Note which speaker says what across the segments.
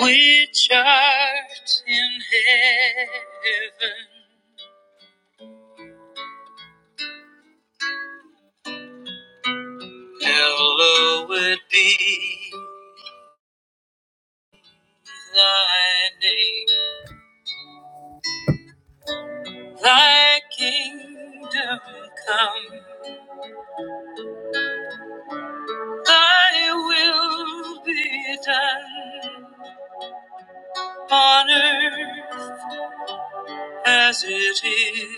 Speaker 1: which art in heaven, hallowed be thy name. Thy kingdom come, thy will be done on earth as it is.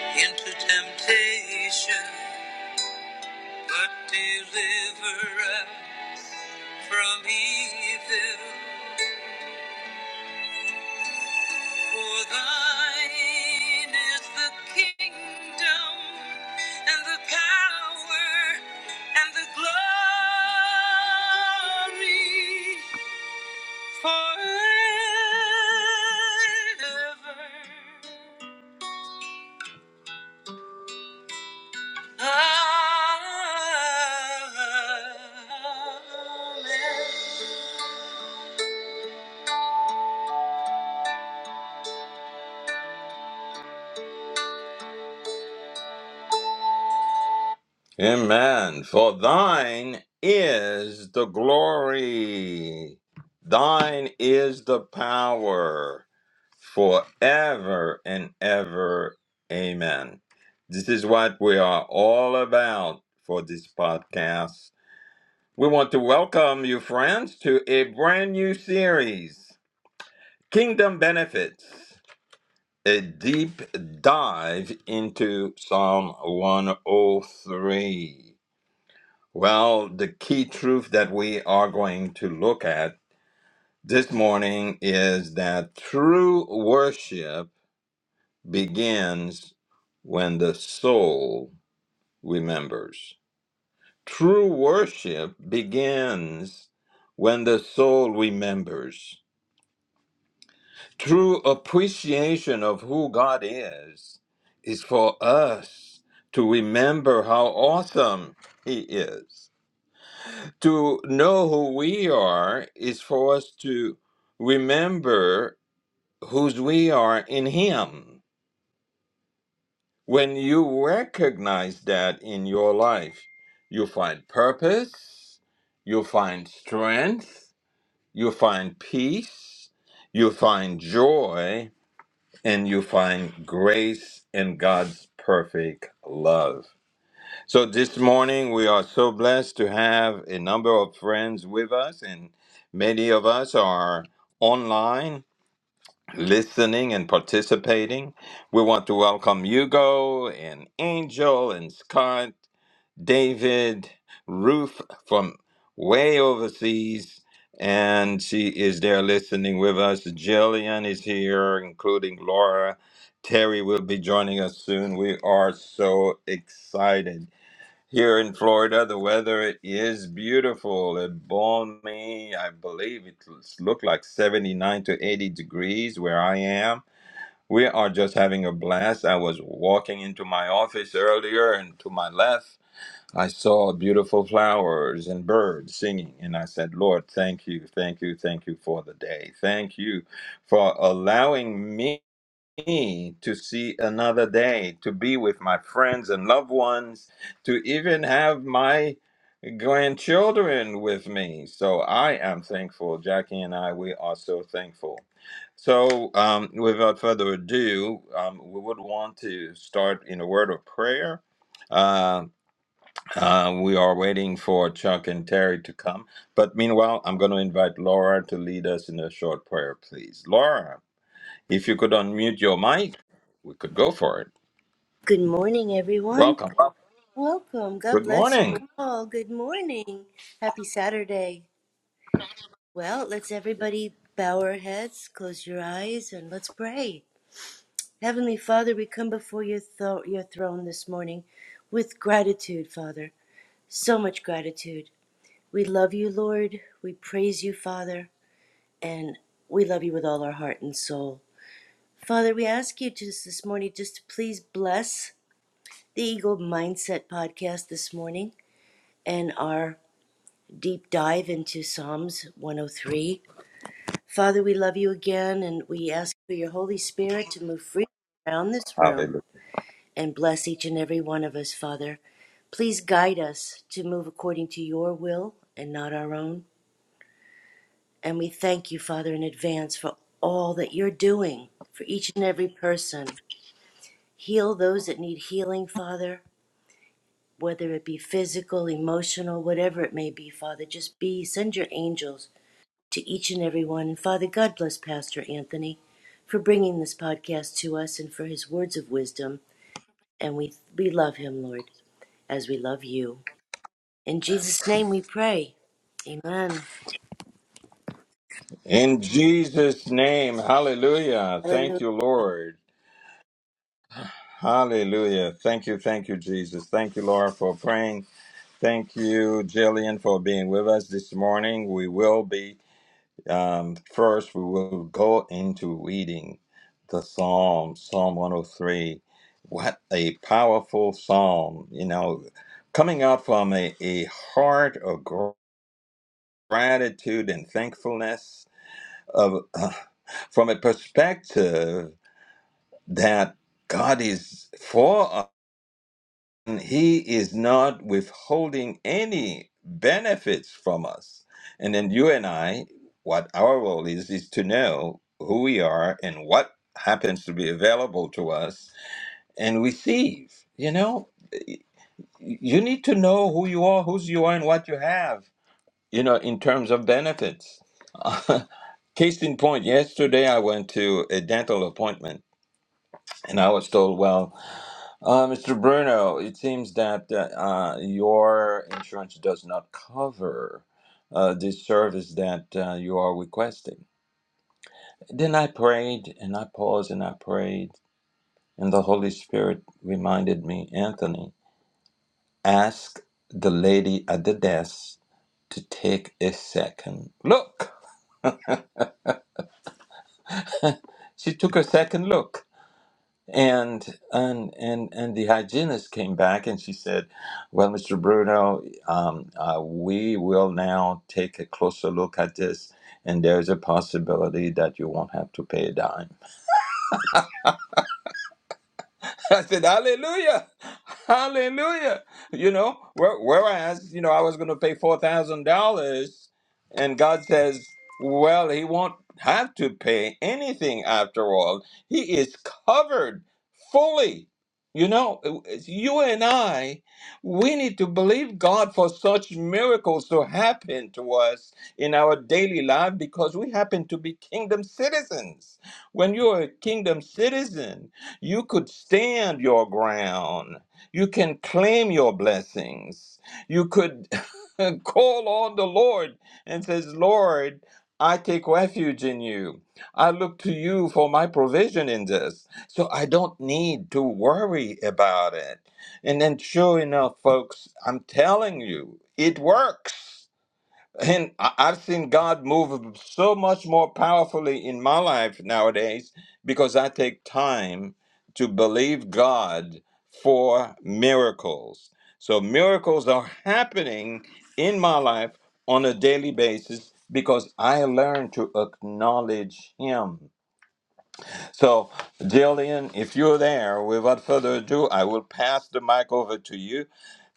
Speaker 1: Into temptation, but deliver us from evil. For thine is the kingdom and the power and the glory forever. Amen. Amen. For thine is the glory, thine is the power forever and ever. Amen. This is what we are all about for this podcast. We want to welcome you, friends, to a brand new series Kingdom Benefits, a deep dive into Psalm 103. Well, the key truth that we are going to look at this morning is that true worship begins when the soul remembers. True worship begins when the soul remembers. True appreciation of who God is is for us to remember how awesome He is. to know who we are is for us to remember whose we are in Him. When you recognize that in your life, you find purpose, you find strength, you find peace, you find joy, and you find grace and God's perfect love. So this morning we are so blessed to have a number of friends with us, and many of us are online listening and participating. We want to welcome Hugo and Angel and Scott, David, Ruth from way overseas, and she is there listening with us. Jillian is here, including Laura. Terry will be joining us soon. We are so excited here in Florida, the weather is beautiful. It balmy. I believe it looked like 79 to 80 degrees where I am. We are just having a blast. I was walking into my office earlier, and to my left, I saw beautiful flowers and birds singing. And I said, Lord, thank you, thank you, thank you for the day. Thank you for allowing me me to see another day, to be with my friends and loved ones, to even have my grandchildren with me. So I am thankful. Jackie and I, we are so thankful. So, um, without further ado, um, we would want to start in a word of prayer. Uh, uh, we are waiting for Chuck and Terry to come. But meanwhile, I'm going to invite Laura to lead us in a short prayer, please. Laura. If you could unmute your mic, we could go for it.
Speaker 2: Good morning, everyone.
Speaker 1: Welcome.
Speaker 2: Welcome. God
Speaker 1: Good
Speaker 2: bless you
Speaker 1: morning.
Speaker 2: all. Good morning. Happy Saturday. Well, let's everybody bow our heads, close your eyes, and let's pray. Heavenly Father, we come before your, tho- your throne this morning with gratitude, Father. So much gratitude. We love you, Lord. We praise you, Father. And we love you with all our heart and soul. Father, we ask you just this morning just to please bless the Eagle Mindset podcast this morning. and our deep dive into Psalms 103. Father, we love you again and we ask for your Holy Spirit to move freely around this room
Speaker 1: Hallelujah.
Speaker 2: and bless each and every one of us, Father. Please guide us to move according to your will and not our own. And we thank you, Father, in advance for all that you're doing for each and every person. Heal those that need healing, Father, whether it be physical, emotional, whatever it may be, Father. Just be, send your angels to each and every one. And Father, God bless Pastor Anthony for bringing this podcast to us and for his words of wisdom. And we, we love him, Lord, as we love you. In Jesus' name we pray. Amen.
Speaker 1: In Jesus' name, hallelujah. Thank
Speaker 2: Hallelujah.
Speaker 1: you, Lord. Hallelujah. Thank you, thank you, Jesus. Thank you, Laura, for praying. Thank you, Jillian, for being with us this morning. We will be Um, first, we will go into reading the Psalm, Psalm 103. What a powerful psalm, you know, coming out from a, a heart of gr- gratitude and thankfulness, of, uh, from a perspective that God is for us. And he is not withholding any benefits from us. And then you and I, what our role is, is to know who we are and what happens to be available to us and receive. You know, you need to know who you are, whose you are, and what you have, you know, in terms of benefits. Case in point, yesterday I went to a dental appointment and I was told, well, uh, Mr. Bruno, it seems that uh, uh, your insurance does not cover uh, this service that uh, you are requesting. Then I prayed and I paused and I prayed, and the Holy Spirit reminded me, Anthony, ask the lady at the desk to take a second look. She took a second look and and and and the hygienist came back and she said, "Well, Mr. Bruno, um, uh, we will now take a closer look at this, and there's a possibility that you won't have to pay a dime." I said, Hallelujah, Hallelujah. You know, where- whereas you know I was going to pay four thousand dollars, and God says, Well, He won't have to pay anything after all. He is covered fully. You know, it's you and I, we need to believe God for such miracles to happen to us in our daily life because we happen to be kingdom citizens. When you're a kingdom citizen, you could stand your ground. You can claim your blessings. You could call on the Lord and says, Lord, I take refuge in you. I look to you for my provision in this. So I don't need to worry about it. And then sure enough, folks, I'm telling you, it works. And I- I've seen God move so much more powerfully in my life nowadays because I take time to believe God for miracles. So miracles are happening in my life on a daily basis because I learn to acknowledge Him. So, Jillian, if you're there, without further ado, I will pass the mic over to you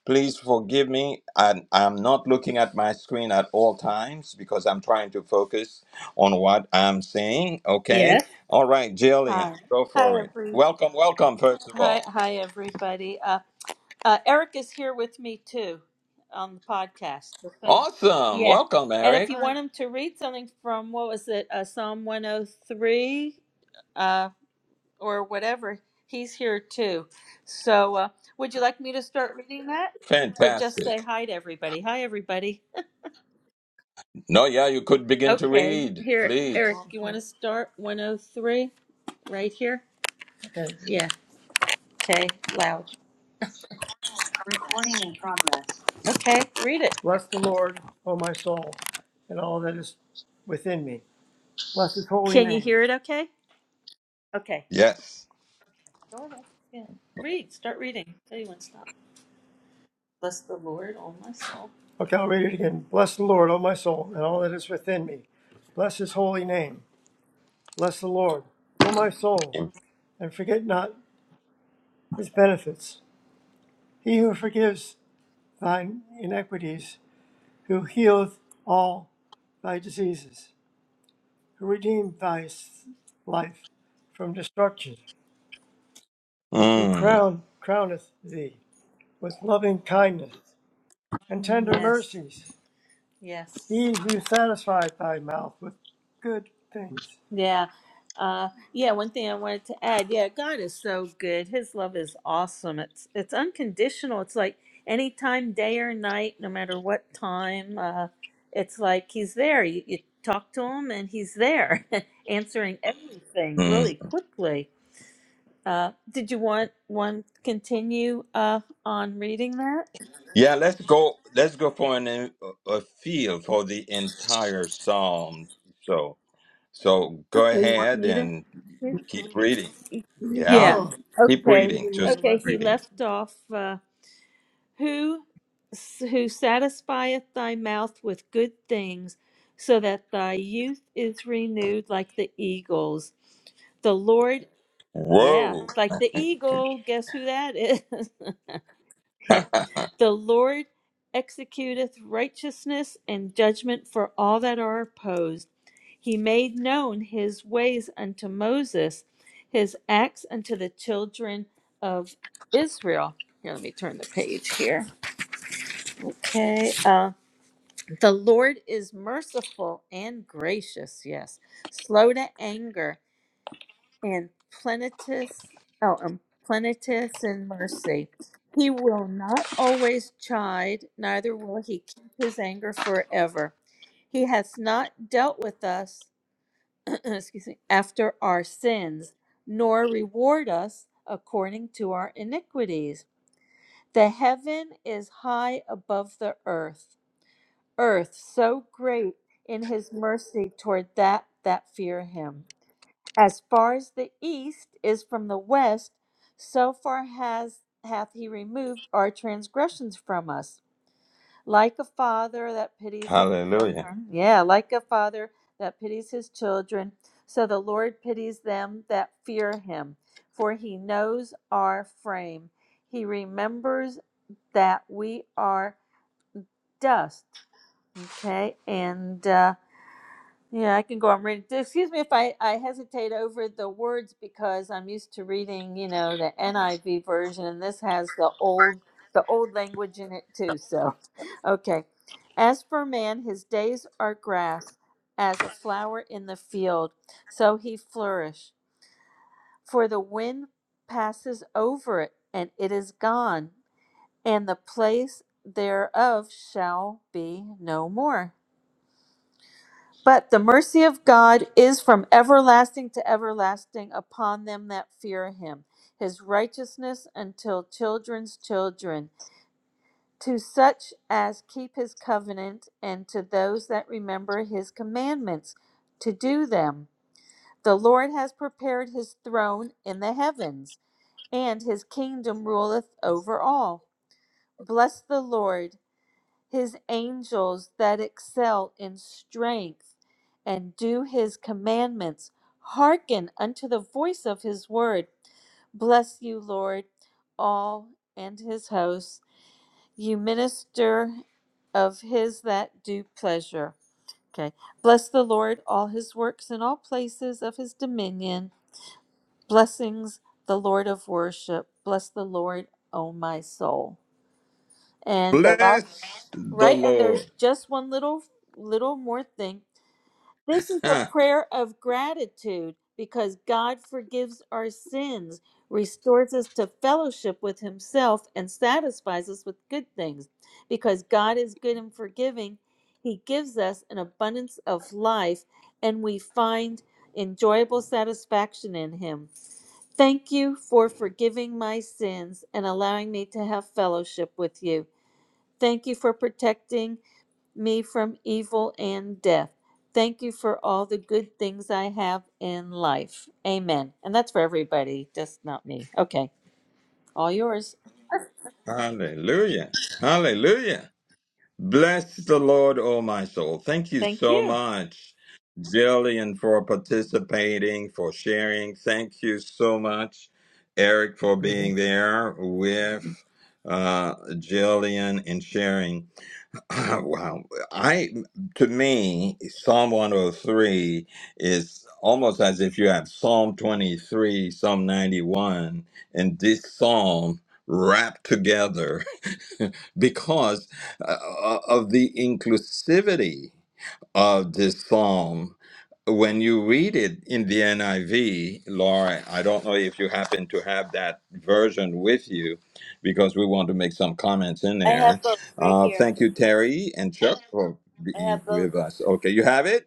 Speaker 1: Please forgive me. I, I'm not looking at my screen at all times because I'm trying to focus on what I'm saying. Okay.
Speaker 3: Yes.
Speaker 1: All right, Jillian,
Speaker 3: Hi.
Speaker 1: go
Speaker 3: Hi,
Speaker 1: for it.
Speaker 3: every.
Speaker 1: Welcome, welcome, first of
Speaker 3: Hi,
Speaker 1: all.
Speaker 3: hi, everybody. Uh, uh, Eric is here with me too, on the podcast. Okay.
Speaker 1: Awesome.
Speaker 3: Yeah.
Speaker 1: Welcome,
Speaker 3: And if
Speaker 1: Eric.
Speaker 3: you want him to read something from what was it, uh, Psalm one hundred three, uh, or whatever, he's here too. So, uh, would you like me to start reading that, or just say
Speaker 1: Fantastic.
Speaker 3: hi to everybody? Hi, everybody.
Speaker 1: No, yeah, you could begin to
Speaker 3: Okay.
Speaker 1: read,
Speaker 3: Here, Eric.
Speaker 1: please.
Speaker 3: You want to start one hundred three right here? Okay. Yeah. Okay. Loud. Okay, read it. Bless the Lord, O my soul, and all that is within me. Bless his holy Can you name. hear it okay? Okay.
Speaker 1: Yes.
Speaker 3: Go ahead. Yeah. Read. Start reading. Tell you when to stop. Bless the Lord, O my soul. Okay, I'll read it again. Bless the Lord, O my soul, and all that is within me. Bless his holy name. Bless the Lord, O my soul, and forget not his benefits. He who forgives thine iniquities, who healeth all thy diseases, who redeemed thy life from destruction, who
Speaker 1: Mm,
Speaker 3: crown crowneth thee with loving kindness and tender Yes. mercies, Yes. He you satisfy thy mouth with good things. Yeah. Uh, yeah, one thing I wanted to add. Yeah, God is so good. His love is awesome. It's it's unconditional. It's like anytime, day or night, no matter what time. Uh, it's like he's there. You, you talk to him, and he's there, answering everything
Speaker 1: mm.
Speaker 3: really quickly. Uh, did you want one continue uh, on reading that?
Speaker 1: Yeah, let's go. Let's go for an, a feel for the entire psalm. So. So go ahead and keep reading.
Speaker 3: Yeah.
Speaker 1: Yeah,
Speaker 3: Oh,
Speaker 1: keep
Speaker 3: Okay.
Speaker 1: reading.
Speaker 3: Okay.
Speaker 1: Just keep
Speaker 3: He
Speaker 1: reading.
Speaker 3: left off, uh, who, who satisfieth thy mouth with good things, so that thy youth is renewed like the eagles. The Lord, yeah,
Speaker 1: Whoa.
Speaker 3: like the eagle. Guess who that is? the Lord executeth righteousness and judgment for all that are opposed. He made known his ways unto Moses, his acts unto the children of Israel. Here, let me turn the page here. Okay. Uh, the Lord is merciful and gracious, yes, slow to anger and planetus oh um, planetus in mercy he will not always chide neither will he keep his anger forever he hath not dealt with us excuse me after our sins nor reward us according to our iniquities the heaven is high above the earth earth so great in his mercy toward that that fear him as far as the east is from the west, so far has hath he removed our transgressions from us. Like a father that pities his
Speaker 1: Hallelujah.
Speaker 3: children. Yeah, like a father that pities his children, so the Lord pities them that fear him, for he knows our frame. He remembers that we are dust. Okay, and uh yeah, I can go on reading. Excuse me if I, I hesitate over the words because I'm used to reading, you know, the NIV version, and this has the old the old language in it too. So, okay. As for man, his days are grass, as a flower in the field, so he flourish. For the wind passes over it, and it is gone, and the place thereof shall be no more. But the mercy of God is from everlasting to everlasting upon them that fear him, his righteousness until children's children, to such as keep his covenant, and to those that remember his commandments, to do them. The Lord has prepared his throne in the heavens, and his kingdom ruleth over all. Bless the Lord his angels that excel in strength and do his commandments. Hearken unto the voice of his word. Bless you, Lord, all and his hosts, you minister of his that do pleasure. Okay. Bless the Lord, all his works in all places of his dominion. Blessings, the Lord of worship. Bless the Lord, O my soul. And the last.
Speaker 1: Bless the
Speaker 3: Right? And
Speaker 1: Lord.
Speaker 3: there's just one little little more thing. This is a
Speaker 1: Ah,
Speaker 3: prayer of gratitude because God forgives our sins, restores us to fellowship with himself and satisfies us with good things. Because God is good and forgiving, he gives us an abundance of life and we find enjoyable satisfaction in him. Thank you for forgiving my sins and allowing me to have fellowship with you. Thank you for protecting me from evil and death. Thank you for all the good things I have in life. Amen. And that's for everybody, just not me. Okay, all yours.
Speaker 1: Hallelujah. Hallelujah. Bless the Lord, O my soul. Thank you
Speaker 3: Thank
Speaker 1: so
Speaker 3: you.
Speaker 1: much, Jillian, for participating, for sharing. Thank you so much, Eric, for
Speaker 3: Mhm.
Speaker 1: being there with uh, Jillian and sharing. Wow. I to me, Psalm 103 is almost as if you have Psalm 23, Psalm 91, and this psalm wrapped together because uh, uh, of the inclusivity of this psalm. When you read it in the NIV, Laura, I don't know if you happen to have that version with you because we want to make some comments in
Speaker 2: I have
Speaker 1: there.
Speaker 2: both right
Speaker 1: Uh,
Speaker 2: here.
Speaker 1: thank you, Terry and Chuck, for
Speaker 2: I
Speaker 1: being
Speaker 2: have both.
Speaker 1: with us. Okay, you have it?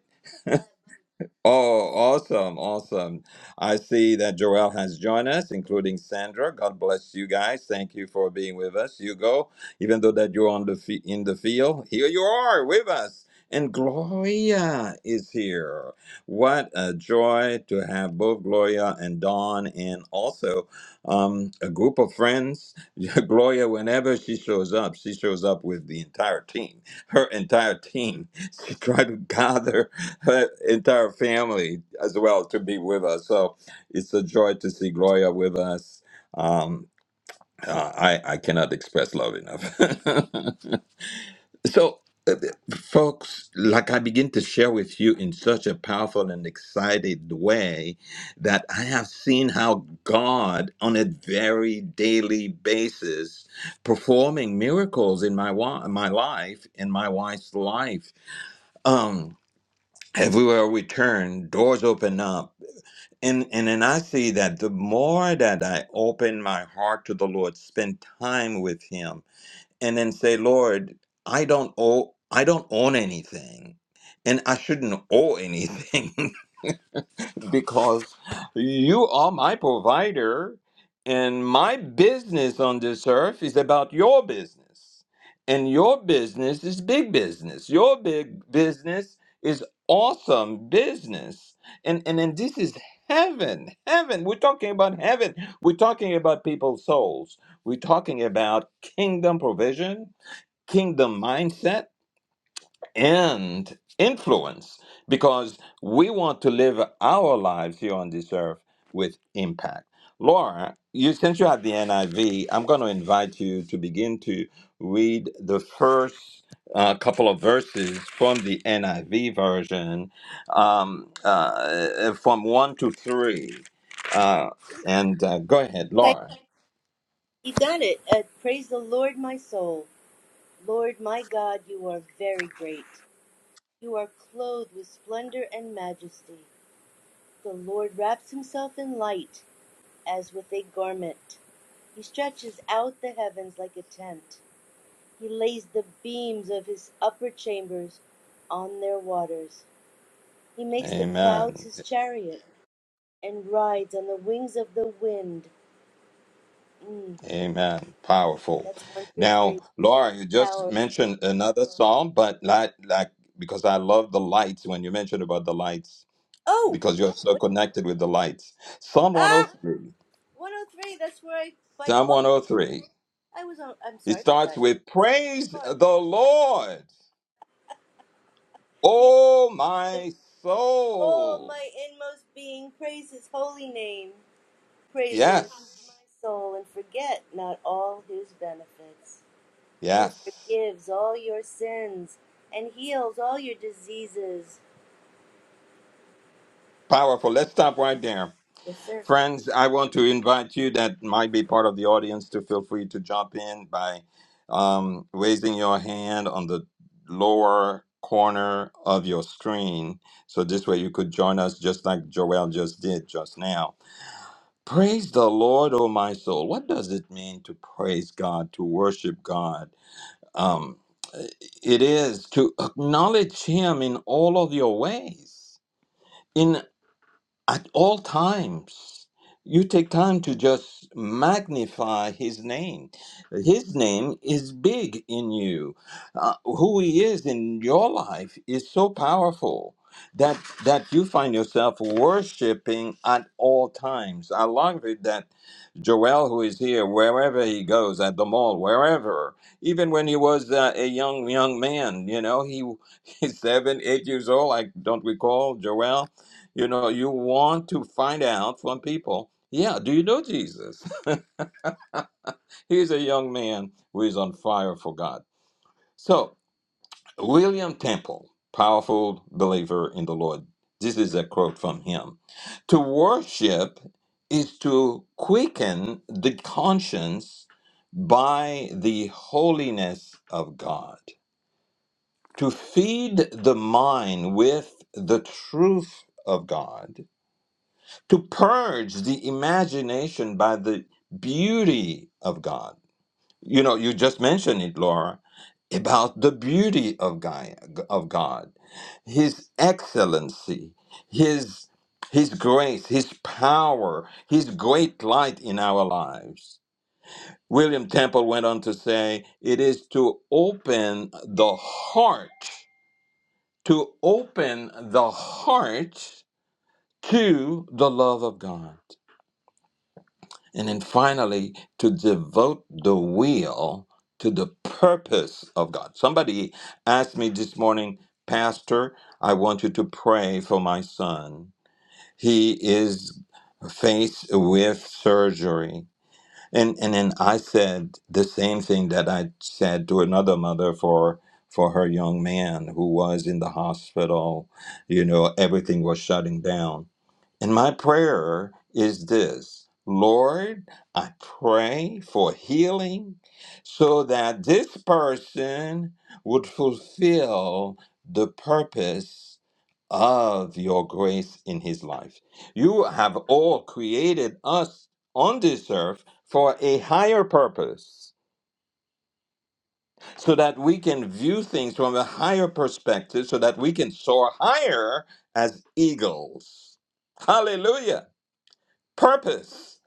Speaker 1: Oh, awesome, awesome. I see that Joel has joined us, including Sandra. God bless you guys. Thank you for being with us. You go, even though that you're on the fe- in the field, here you are with us. And Gloria is here. What a joy to have both Gloria and Dawn and also um, a group of friends. Gloria, whenever she shows up, she shows up with the entire team, her entire team. She tried to gather her entire family as well to be with us. So it's a joy to see Gloria with us. Um, uh, I, I cannot express love enough. so, folks, like I begin to share with you in such a powerful and excited way that I have seen how God, on a very daily basis, performing miracles in my wa- my life, in my wife's life. Um, everywhere we turn, doors open up And and then I see that the more that I open my heart to the Lord, spend time with Him, and then say, Lord, I don't owe I don't own anything. And I shouldn't owe anything. because you are my provider and my business on this earth is about your business and your business is big business your big business is awesome business and and then this is heaven heaven we're talking about heaven we're talking about people's souls we're talking about kingdom provision kingdom mindset and influence because we want to live our lives here on this earth with impact. Laura, you since you have the NIV, I'm going to invite you to begin to read the first uh, couple of verses from the NIV version, um, uh, from one to three, uh, and uh, go ahead,
Speaker 2: Okay,
Speaker 1: Laura.
Speaker 2: you got it. Uh, praise the Lord, my soul. Lord, my God, you are very great. You are clothed with splendor and majesty. The Lord wraps himself in light as with a garment. He stretches out the heavens like a tent. He lays the beams of his upper chambers on their waters. He makes the clouds
Speaker 1: Amen.
Speaker 2: his chariot and rides on the wings of the wind. Mm,
Speaker 1: Amen. Powerful.
Speaker 2: that's one through three.
Speaker 1: Now, Laura, you just
Speaker 2: Power.
Speaker 1: mentioned another psalm, but like, like because I love the lights when you mentioned about the lights,
Speaker 2: Oh,
Speaker 1: because you're so
Speaker 2: wait a minute.
Speaker 1: connected with the lights. Psalm
Speaker 2: Ah,
Speaker 1: 103.
Speaker 2: 103. That's where I by
Speaker 1: Psalm
Speaker 2: poke.
Speaker 1: 103.
Speaker 2: I was on. I'm
Speaker 1: It
Speaker 2: sorry about
Speaker 1: starts
Speaker 2: that. I
Speaker 1: with
Speaker 2: went too
Speaker 1: Praise
Speaker 2: far.
Speaker 1: the Lord,
Speaker 2: Yes.
Speaker 1: O my
Speaker 2: All
Speaker 1: soul.
Speaker 2: my inmost being praise his holy name. Praise the Lord,
Speaker 1: Yes.
Speaker 2: my soul, and forget not all his benefits, who
Speaker 1: Yes.
Speaker 2: forgives all your sins and heals all your diseases.
Speaker 1: Powerful. Let's stop right there.
Speaker 2: Yes, sir.
Speaker 1: Friends, I want to invite you that might be part of the audience to feel free to jump in by um, raising your hand on the lower corner of your screen. So this way you could join us just like Joel just did just now. Praise the Lord, oh my soul. What does it mean to praise God, to worship God? Um, it is to acknowledge Him in all of your ways at all times. You take time to just magnify his name. His name is big in you. Uh, who he is in your life is so powerful that that you find yourself worshiping at all times. I love it that Joel, who is here, wherever he goes at the mall, wherever, even when he was uh, a young young man, you know, he he's seven, eight years old. I don't recall Joel. You know, you want to find out from people. Yeah, do you know Jesus? He's a young man who is on fire for God. So. William Temple, powerful believer in the Lord. This is a quote from him. To worship is to quicken the conscience by the holiness of God, to feed the mind with the truth of God, to purge the imagination by the beauty of God you know you just mentioned it laura about the beauty of god of god his excellency his his grace his power his great light in our lives william temple went on to say it is to open the heart to open the heart to the love of god And then finally, to devote the will to the purpose of God. Somebody asked me this morning, Pastor, I want you to pray for my son. He is faced with surgery. And, and then I said the same thing that I said to another mother for for her young man who was in the hospital. You know, everything was shutting down and my prayer is this Lord, I pray for healing so that this person would fulfill the purpose of your grace in his life. You have all created us on this earth for a higher purpose. So that we can view things from a higher perspective, so that we can soar higher as eagles. Hallelujah purpose.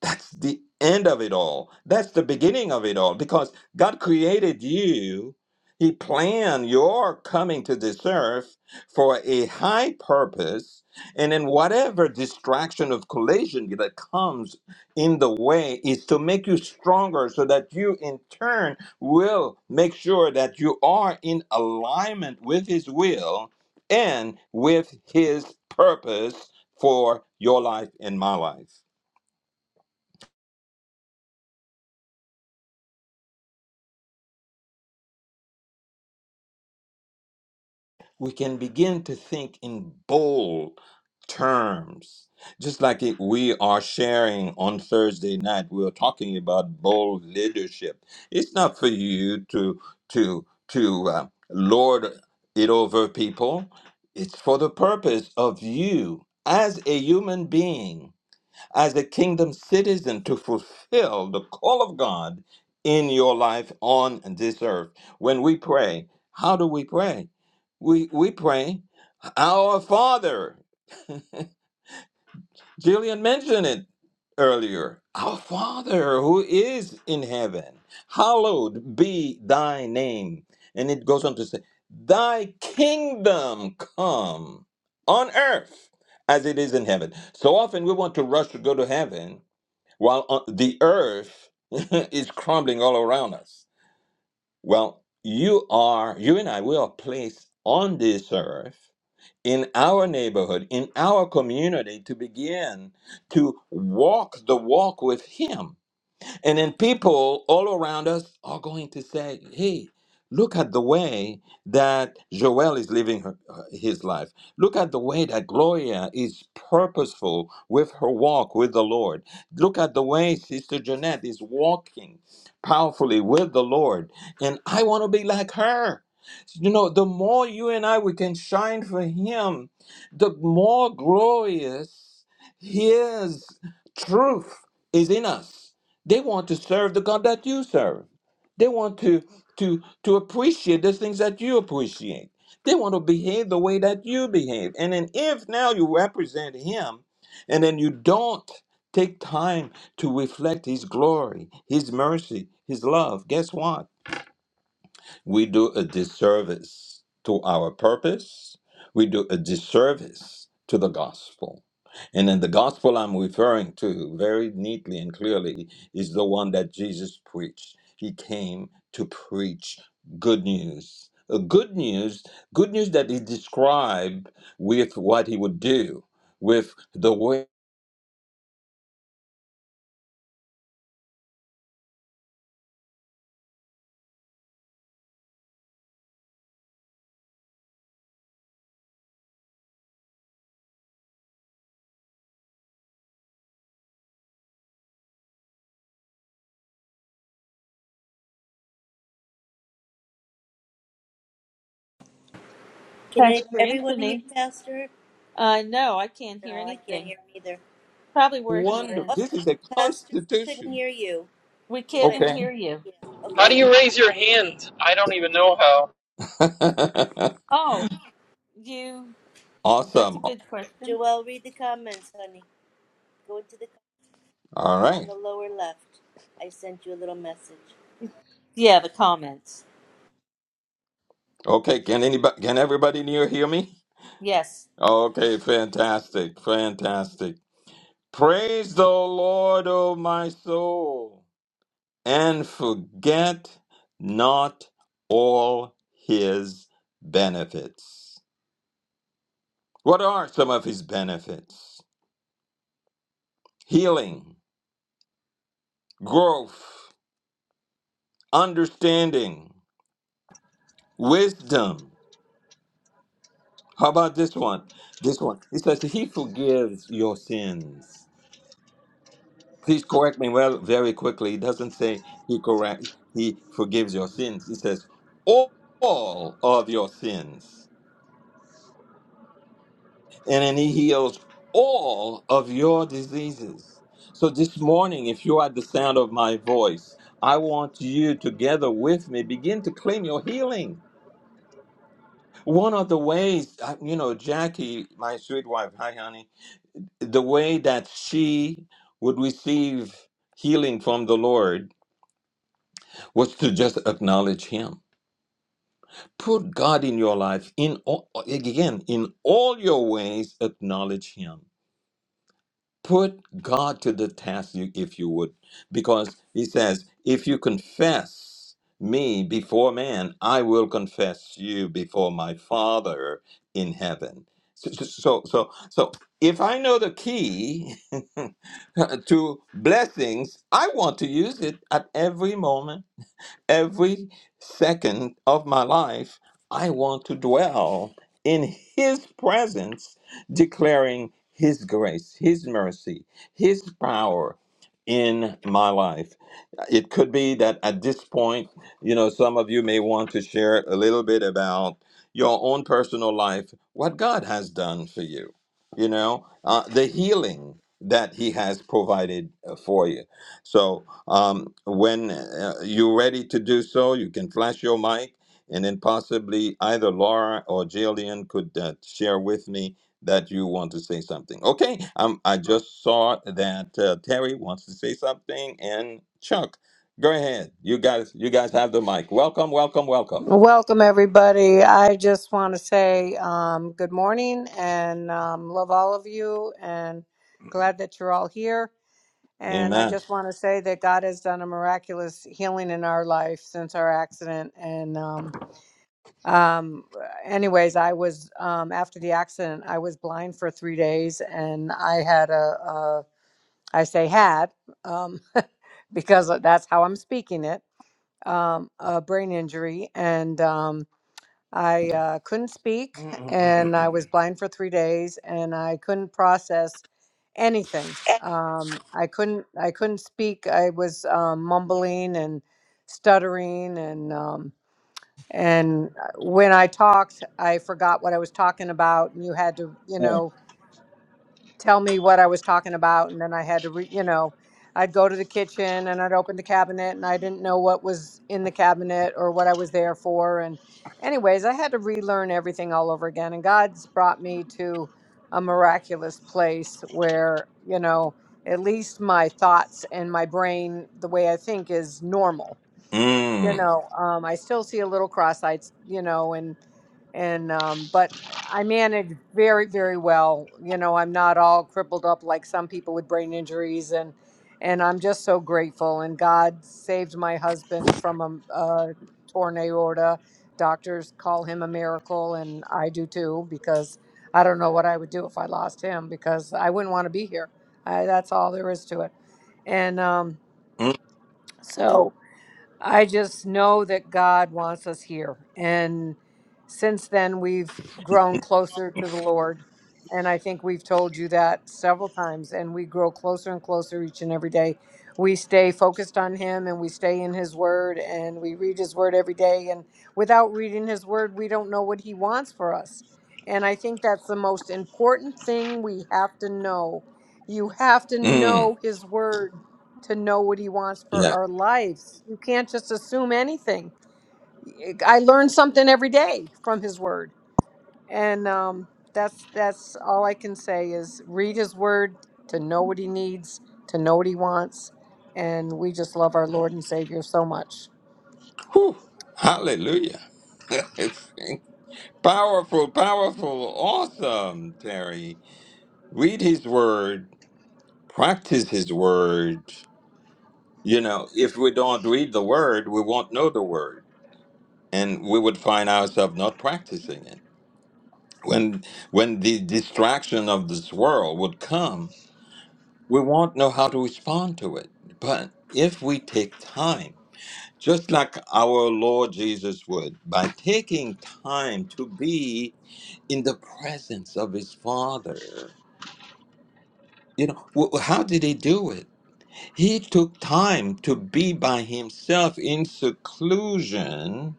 Speaker 1: That's the end of it all. That's the beginning of it all because God created you. He planned your coming to this earth for a high purpose. And then, whatever distraction of collision that comes in the way is to make you stronger so that you, in turn, will make sure that you are in alignment with His will and with His purpose for your life and my life. we can begin to think in bold terms. Just like it, we are sharing on Thursday night, we are talking about bold leadership. It's not for you to to to uh, lord it over people. It's for the purpose of you as a human being as a kingdom citizen to fulfill the call of God in your life on this earth. When we pray, how do we pray? We we pray, our Father. Jillian mentioned it earlier. Our Father who is in heaven, hallowed be thy name. And it goes on to say, Thy kingdom come on earth as it is in heaven. So often we want to rush to go to heaven while on, the earth is crumbling all around us. Well, you are, you and I, we are placed on this earth in our neighborhood, in our community to begin to walk the walk with Him and then people all around us are going to say, hey, look at the way that Joelle is living her, uh, his life. Look at the way that Gloria is purposeful with her walk with the Lord. Look at the way Sister Jeanette is walking powerfully with the Lord. And I want to be like her. You know, the more you and I we can shine for Him, the more glorious His truth is in us they want to serve the God that you serve. They want to to to appreciate the things that you appreciate. They want to behave the way that you behave. And then if now you represent him and then you don't take time to reflect his glory, his mercy, his love, guess what? we do a disservice to our purpose. We do a disservice to the gospel. And in the gospel I'm referring to very neatly and clearly is the one that Jesus preached. He came to preach good news. A good news, good news that he described with what he would do, with the way
Speaker 2: Can I,
Speaker 3: Pastor
Speaker 2: everyone hear
Speaker 3: Anthony,
Speaker 2: Pastor?
Speaker 3: I know I can't hear
Speaker 2: No, I can't
Speaker 3: anything.
Speaker 2: hear him either.
Speaker 3: Probably where he
Speaker 1: wonder
Speaker 2: Oh,
Speaker 3: is.
Speaker 1: this is a
Speaker 2: Pastor, we couldn't
Speaker 1: constitution.
Speaker 2: hear you.
Speaker 3: We
Speaker 2: You went,
Speaker 3: can't
Speaker 1: Okay.
Speaker 3: hear you.
Speaker 2: yeah,
Speaker 4: How do
Speaker 2: okay?
Speaker 4: you raise your hand? I don't even know how.
Speaker 3: Oh, you. That's
Speaker 1: awesome.
Speaker 3: a
Speaker 1: All
Speaker 3: good question.
Speaker 2: Joelle, read the comments, honey. Go into the,
Speaker 1: right.
Speaker 2: on the lower left. I sent you a little message.
Speaker 3: Yeah, the comments.
Speaker 1: Okay, can anybody can everybody in here hear me?
Speaker 3: Yes.
Speaker 1: Okay, fantastic, fantastic. Praise the Lord, O my soul, and forget not all his benefits. What are some of his benefits? Healing, growth, understanding, wisdom. How about this one? This one. He says he forgives your sins Please correct me well very quickly. It doesn't say he correct he forgives your sins. It says all all of your sins. And then he heals all of your diseases. So this morning, if you are at the sound of my voice, I want you together with me begin to claim your healing. One of the ways, uh, you know, Jackie, my sweet wife, hi honey, the way that she would receive healing from the Lord was to just acknowledge him put god in your life in all, again in all your ways acknowledge him put god to the task you- if you would because he says if you confess me before man i will confess you before my father in heaven so so so, so so, if i know the key to blessings i want to use it at every moment every second of my life, I want to dwell in His presence, declaring His grace, His mercy, His power in my life it could be that at this point, you know, some of you may want to share a little bit about your own personal life, what God has done for you, you know, uh, the healing that He has provided uh, for you. So um, when uh, you're ready to do so, you can flash your mic. And then possibly either Laura or Jillian could uh, share with me that you want to say something. Okay, um, I just saw that uh, Terry wants to say something, and Chuck. Go ahead. You guys, you guys have the mic. Welcome, welcome, welcome.
Speaker 5: Welcome, everybody. I just want to say um, good morning and um, love all of you and glad that you're all here. And I
Speaker 1: Amen.
Speaker 5: just want to say that God has done a miraculous healing in our life since our accident. And, um, um, anyways, I was, um, after the accident, I was blind for three days and I had a, a I say had, um, because that's how I'm speaking it, um, a brain injury. And, um, I uh, couldn't speak Mm-mm-mm-mm-mm. and I Mm-mm-mm-mm-mm. was blind for three days and I couldn't process anything. Um, I couldn't I couldn't speak. I was um, mumbling and stuttering and um, and uh, when I talked, I forgot what I was talking about and you had to, you
Speaker 1: Mm,
Speaker 5: know, tell me what I was talking about, and then I had to, re- you know, I'd go to the kitchen and I'd open the cabinet, and I didn't know what was in the cabinet or what I was there for. And, anyways, I had to relearn everything all over again. And God's brought me to a miraculous place where, you know, at least my thoughts and my brain, the way I think, is normal you
Speaker 1: mm,
Speaker 5: know um i still see a little cross-eyed you know and and um but i manage very very well you know i'm not all crippled up like some people with brain injuries and and i'm just so grateful and god saved my husband from a, a torn aorta doctors call him a miracle and i do too because i don't know what i would do if i lost him because i wouldn't want to be here I, that's all there is to it and um so I just know that God wants us here. And since then, we've grown closer to the Lord. And I think we've told you that several times. And we grow closer and closer each and every day. We stay focused on Him and we stay in His Word and we read His Word every day. And without reading His Word, we don't know what He wants for us. And I think that's the most important thing we have to know. You have to
Speaker 1: mm.
Speaker 5: know His Word to know what He wants for
Speaker 1: Yeah.
Speaker 5: our lives. You can't just assume anything. I learn something every day from His Word, and um, that's that's all I can say is read His Word to know what He needs, to know what He wants, and we just love our Lord and Savior so much.
Speaker 1: Whew. Hallelujah. powerful, powerful, awesome, Terry. Read his word, practice his word. You know, if we don't read the word, we won't know the word. And we would find ourselves not practicing it. When when the distraction of this world would come, We won't know how to respond to it. But if we take time, just like our Lord Jesus would, by taking time to be in the presence of his Father, you know, wh- how did he do it? He took time to be by himself in seclusion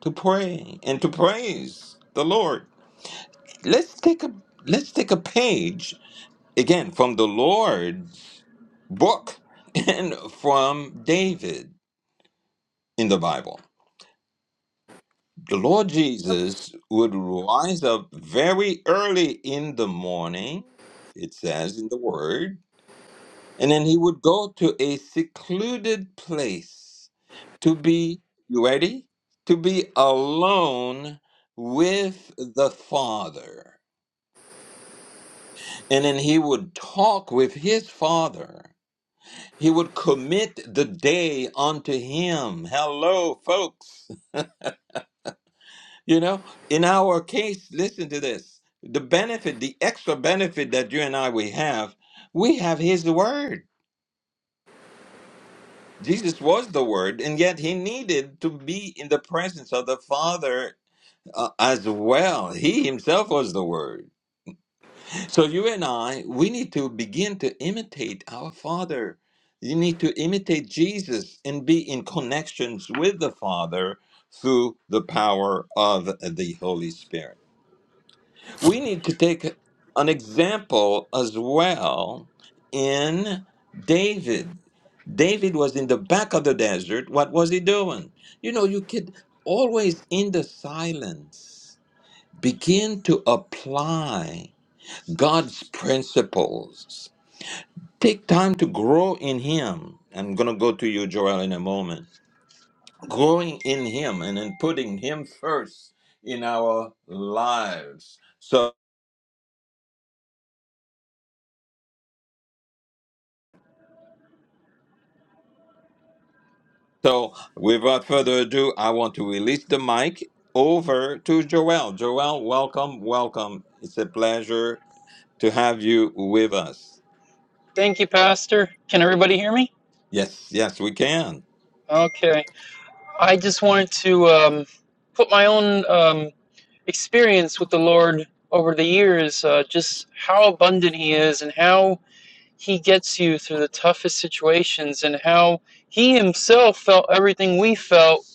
Speaker 1: to pray and to praise the Lord. Let's take a let's take a page again from the Lord's book and from David in the Bible. The Lord
Speaker 2: Oh.
Speaker 1: Jesus would rise up very early in the morning, it says in the Word, and then he would go to a secluded place to be, you ready? To be alone with the Father. And then he would talk with his Father He would commit the day unto him. Hello, folks. You know, in our case, listen to this the benefit, the extra benefit that you and I we have, we have his word. Jesus was the word, and yet he needed to be in the presence of the Father uh, as well. He himself was the word. So you and I, we need to begin to imitate our Father. You need to imitate Jesus and be in connections with the Father through the power of the Holy Spirit. We need to take an example as well in David. David was in the back of the desert. What was he doing? You know, you could always in the silence begin to apply God's principles. Take time to grow in Him. I'm going to go to you, Joel, in a moment. Growing in Him and then putting Him first in our lives. So, so without further ado, I want to release the mic over to Joel. Joel, welcome, welcome. It's a pleasure to have you with us.
Speaker 4: Thank you, Pastor. Can everybody hear me?
Speaker 1: Yes, yes, we can.
Speaker 4: Okay. I just wanted to um, put my own um, experience with the Lord over the years, uh, just how abundant He is and how He gets you through the toughest situations, and how He Himself felt everything we felt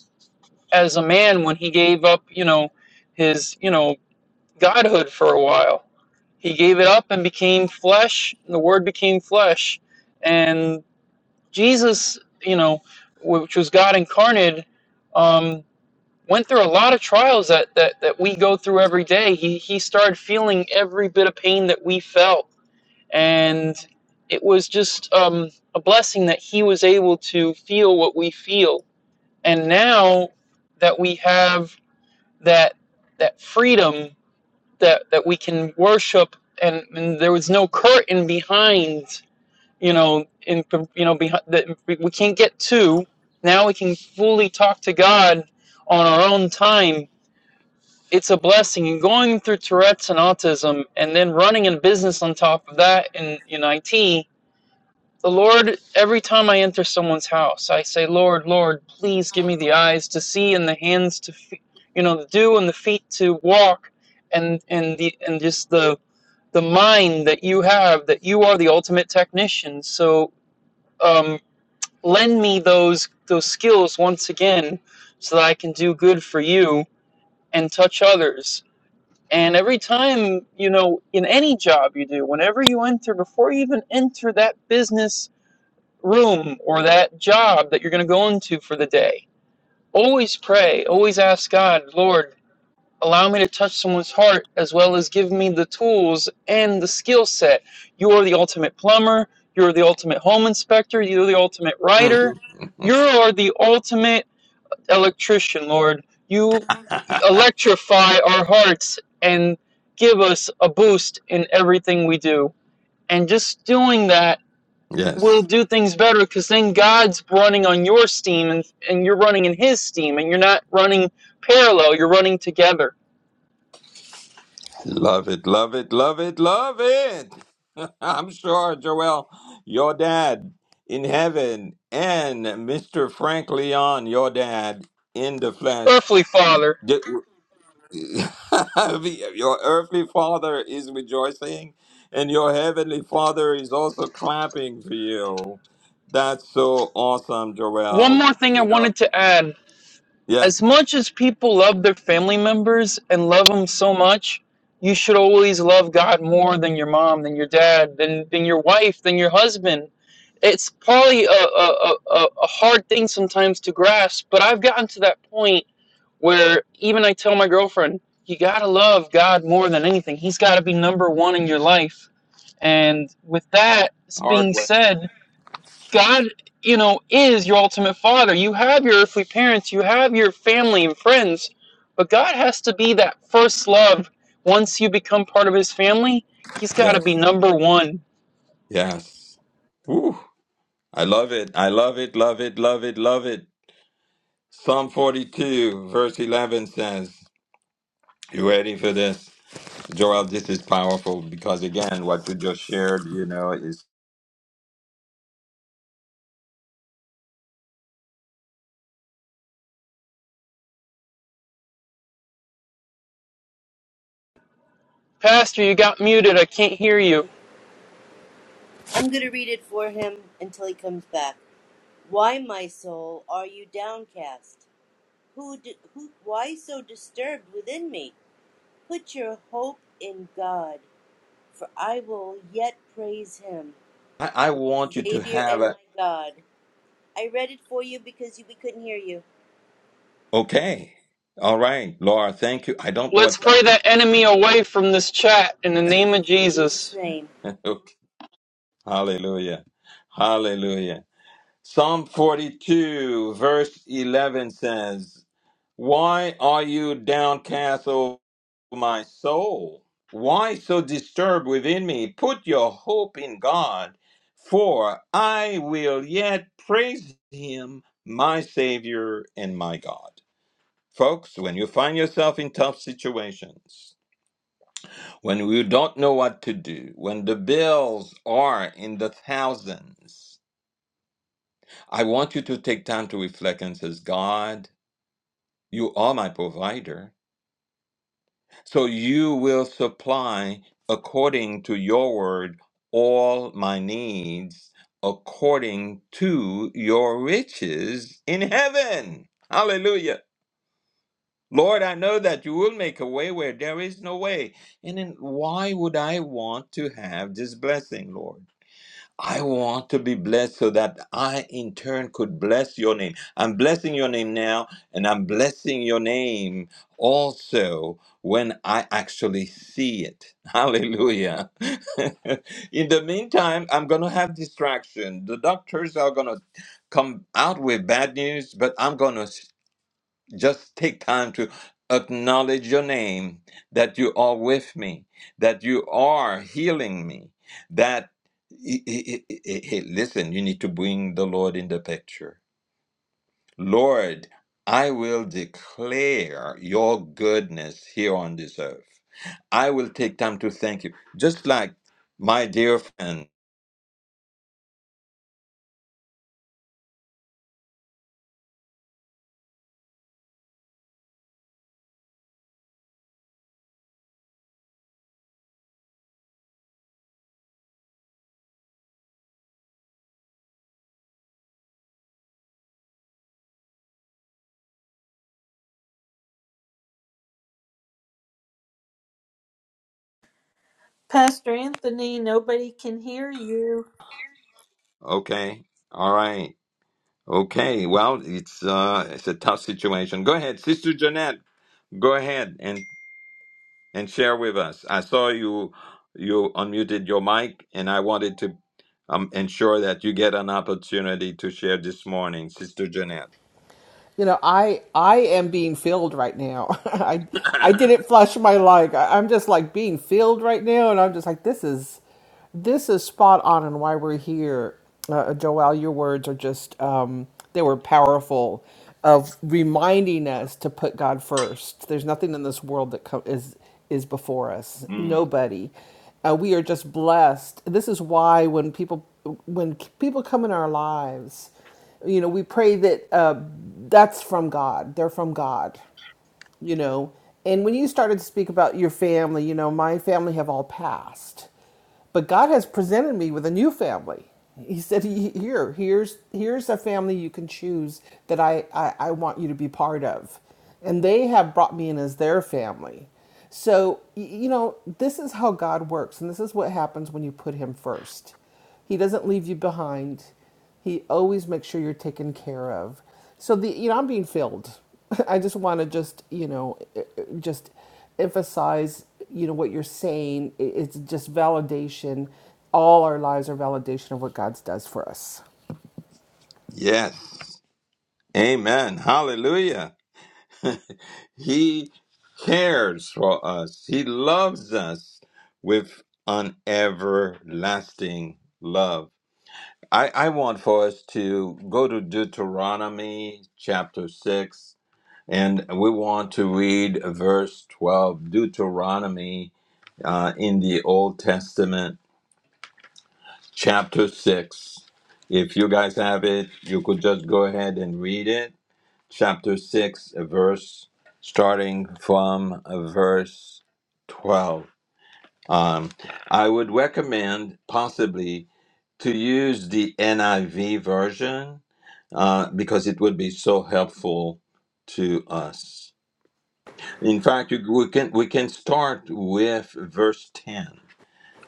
Speaker 4: as a man when He gave up, you know, His, you know, godhood for a while. He gave it up and became flesh, and the Word became flesh. And Jesus, you know, which was God incarnate, um, went through a lot of trials that, that, that we go through every day. He, he started feeling every bit of pain that we felt. And it was just um, a blessing that he was able to feel what we feel. And now that we have that, that freedom that that we can worship and, and there was no curtain behind you know in you know behind that we we can't get to now we can fully talk to god on our own time it's a blessing and going through tourette's and autism and then running a business on top of that in in it the Lord, every time I enter someone's house, I say, Lord, Lord, please give me the eyes to see and the hands to, fe- you know, the do and the feet to walk, and and the and just the the mind that you have, that you are the ultimate technician. So um, lend me those those skills once again, so that I can do good for you and touch others. And every time, you know, in any job you do, whenever you enter, before you even enter that business room or that job that you're going to go into for the day. Always pray, always ask God, Lord, allow me to touch someone's heart as well as give me the tools and the skill set. You are the ultimate plumber, you're the ultimate home inspector, you're the ultimate writer,
Speaker 1: Mhm.
Speaker 4: you are the ultimate electrician, Lord. You electrify our hearts and give us a boost in everything we do. And just doing that
Speaker 1: yes.
Speaker 4: will do things better because then God's running on your steam and, and you're running in His steam and you're not running parallel, you're running together.
Speaker 1: Love it, love it, love it, love it. I'm sure, Joel, your dad in heaven, and Mr. Frank Leon, your dad in the flesh.
Speaker 4: Earthly Father,
Speaker 1: Did- your earthly father is rejoicing, and your heavenly father is also clapping for you. That's so awesome,
Speaker 4: one
Speaker 1: Joel.
Speaker 4: more thing I
Speaker 1: You know,
Speaker 4: wanted to add.
Speaker 1: yes,
Speaker 4: As much as people love their family members and love them so much, you should always love God more than your mom, than your dad, than, than your wife, than your husband. It's probably a, a, a, a a hard thing sometimes to grasp, but I've gotten to that point where even I tell my girlfriend, you got to love God more than anything. He's got to be number one in your life. And with that
Speaker 1: hard
Speaker 4: being
Speaker 1: way.
Speaker 4: said, God, you know, is your ultimate father. You have your earthly parents, you have your family and friends, but God has to be that first love once you become part of his family. He's got to
Speaker 1: Yes,
Speaker 4: be number one.
Speaker 1: yes. Woo. I love it. I love it. Love it. Love it. Love it. Psalm 42, verse 11 says, You ready for this? Joel, this is powerful because, again, what you just shared, you know, is
Speaker 4: Pastor, you got muted. I can't hear you.
Speaker 2: I'm going to read it for him until he comes back. Why, my soul, are you downcast? Who, d who, why so disturbed within me? Put your hope in God, for I will yet praise Him,
Speaker 1: I, I
Speaker 2: my
Speaker 1: want you to
Speaker 2: Savior
Speaker 1: have
Speaker 2: and
Speaker 1: a.
Speaker 2: my God. I read it for you because you, we couldn't hear you.
Speaker 1: Okay. All right. Laura, thank you. I don't know what's
Speaker 4: Let's pray
Speaker 1: happening.
Speaker 4: that enemy away from this chat in the name of
Speaker 2: In
Speaker 4: Jesus.
Speaker 2: Jesus' name.
Speaker 1: Okay. Hallelujah. Hallelujah. Psalm 42, verse 11 says, Why are you downcast, O my soul? Why so disturbed within me? Put your hope in God, for I will yet praise Him, my Savior and my God. Folks, when you find yourself in tough situations, when you don't know what to do, when the bills are in the thousands, I want you to take time to reflect and says, God, you are my provider. So you will supply according to your word all my needs according to your riches in heaven. Hallelujah. Lord, I know that you will make a way where there is no way. And then why would I want to have this blessing, Lord? I want to be blessed so that I in turn could bless your name. I'm blessing your name now, and I'm blessing your name also when I actually see it. Hallelujah. in the meantime, I'm going to have distraction. The doctors are going to come out with bad news, but I'm going to just take time to acknowledge your name, that you are with me, that you are healing me, that hey, listen, you need to bring the Lord in the picture. Lord, I will declare your goodness here on this earth. I will take time to thank you. Just like my dear friend.
Speaker 3: Pastor Anthony, nobody can hear you.
Speaker 1: Okay. All right. Okay. Well, it's uh it's a tough situation. Go ahead, Sister Jeanette. Go ahead and and share with us. I saw you you unmuted your mic, and I wanted to um, ensure that you get an opportunity to share this morning, Sister Jeanette.
Speaker 6: you know, I I am being filled right now. I I didn't flush my like. I, am just like being filled right now, and I'm just like this is this is spot on and why we're here. Uh, uh, Joelle, your words are just um, they were powerful of reminding us to put God first. There's nothing in this world that co- is is before us.
Speaker 1: Mm.
Speaker 6: Nobody. Uh, we are just blessed. This is why when people when people come in our lives you know we pray that uh, that's from god they're from god you know and when you started to speak about your family you know my family have all passed but god has presented me with a new family he said "He- here here's here's a family you can choose that i i, I want you to be part of and they have brought me in as their family so y- you know this is how god works and this is what happens when you put him first he doesn't leave you behind he always makes sure you're taken care of. So the you know I'm being filled. I just want to just you know eh, eh, just emphasize you know what you're saying. It's just validation. All our lives are validation of what God does for us.
Speaker 1: Yes, Amen. Hallelujah. he cares for us. He loves us with an everlasting love. I, I want for us to go to Deuteronomy chapter 6, and we want to read verse 12, Deuteronomy uh, in the Old Testament, chapter 6. If you guys have it, you could just go ahead and read it. Chapter 6, verse starting from uh, verse 12. Um, I would recommend possibly to use the NIV version uh, because it would be so helpful to us. In fact, you, we can we can start with verse ten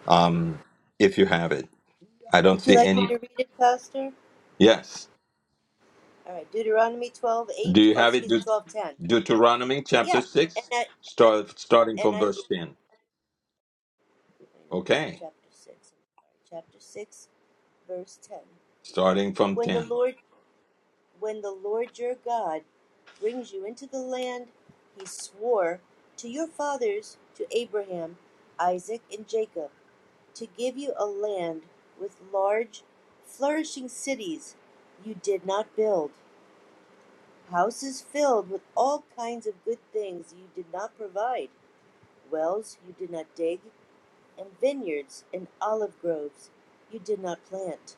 Speaker 1: um, if you have it. I don't
Speaker 2: Would you
Speaker 1: see
Speaker 2: like me
Speaker 1: any.
Speaker 2: to read it, Pastor?
Speaker 1: Yes,
Speaker 2: All right, Deuteronomy twelve
Speaker 1: do
Speaker 2: eight,
Speaker 1: you
Speaker 2: or
Speaker 1: have it?
Speaker 2: excuse me,
Speaker 1: Deut-
Speaker 2: twelve ten.
Speaker 1: Deuteronomy chapter
Speaker 2: Yeah, and
Speaker 1: six,
Speaker 2: I,
Speaker 1: start starting
Speaker 2: and
Speaker 1: from
Speaker 2: I,
Speaker 1: verse
Speaker 2: NIV.
Speaker 1: ten.
Speaker 2: wait a minute,
Speaker 1: Okay,
Speaker 2: chapter 6, I'm sorry, chapter 6, verse 10.
Speaker 1: starting from
Speaker 2: When the
Speaker 1: ten.
Speaker 2: Lord, when the Lord your God brings you into the land he swore to your fathers, to Abraham, Isaac, and Jacob, to give you a land with large, flourishing cities you did not build, houses filled with all kinds of good things you did not provide, wells you did not dig, and vineyards and olive groves you did not plant.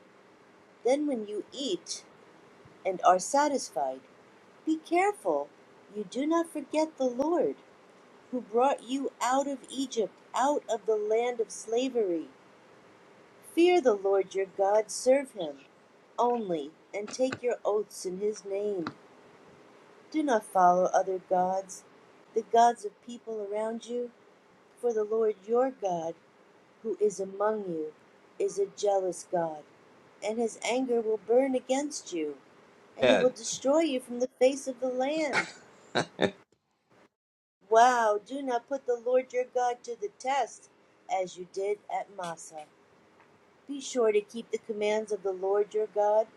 Speaker 2: Then, when you eat and are satisfied, be careful you do not forget the Lord, who brought you out of Egypt, out of the land of slavery. Fear the Lord your God, serve him only, and take your oaths in his name. Do not follow other gods, the gods of people around you, for the Lord your God who is among you is a jealous God, and his anger will burn against you, and he will
Speaker 1: Ed.
Speaker 2: destroy you from the face of the land. Wow, do not put the Lord your God to the test, as you did at Massa. Be sure to keep the commands of the Lord your God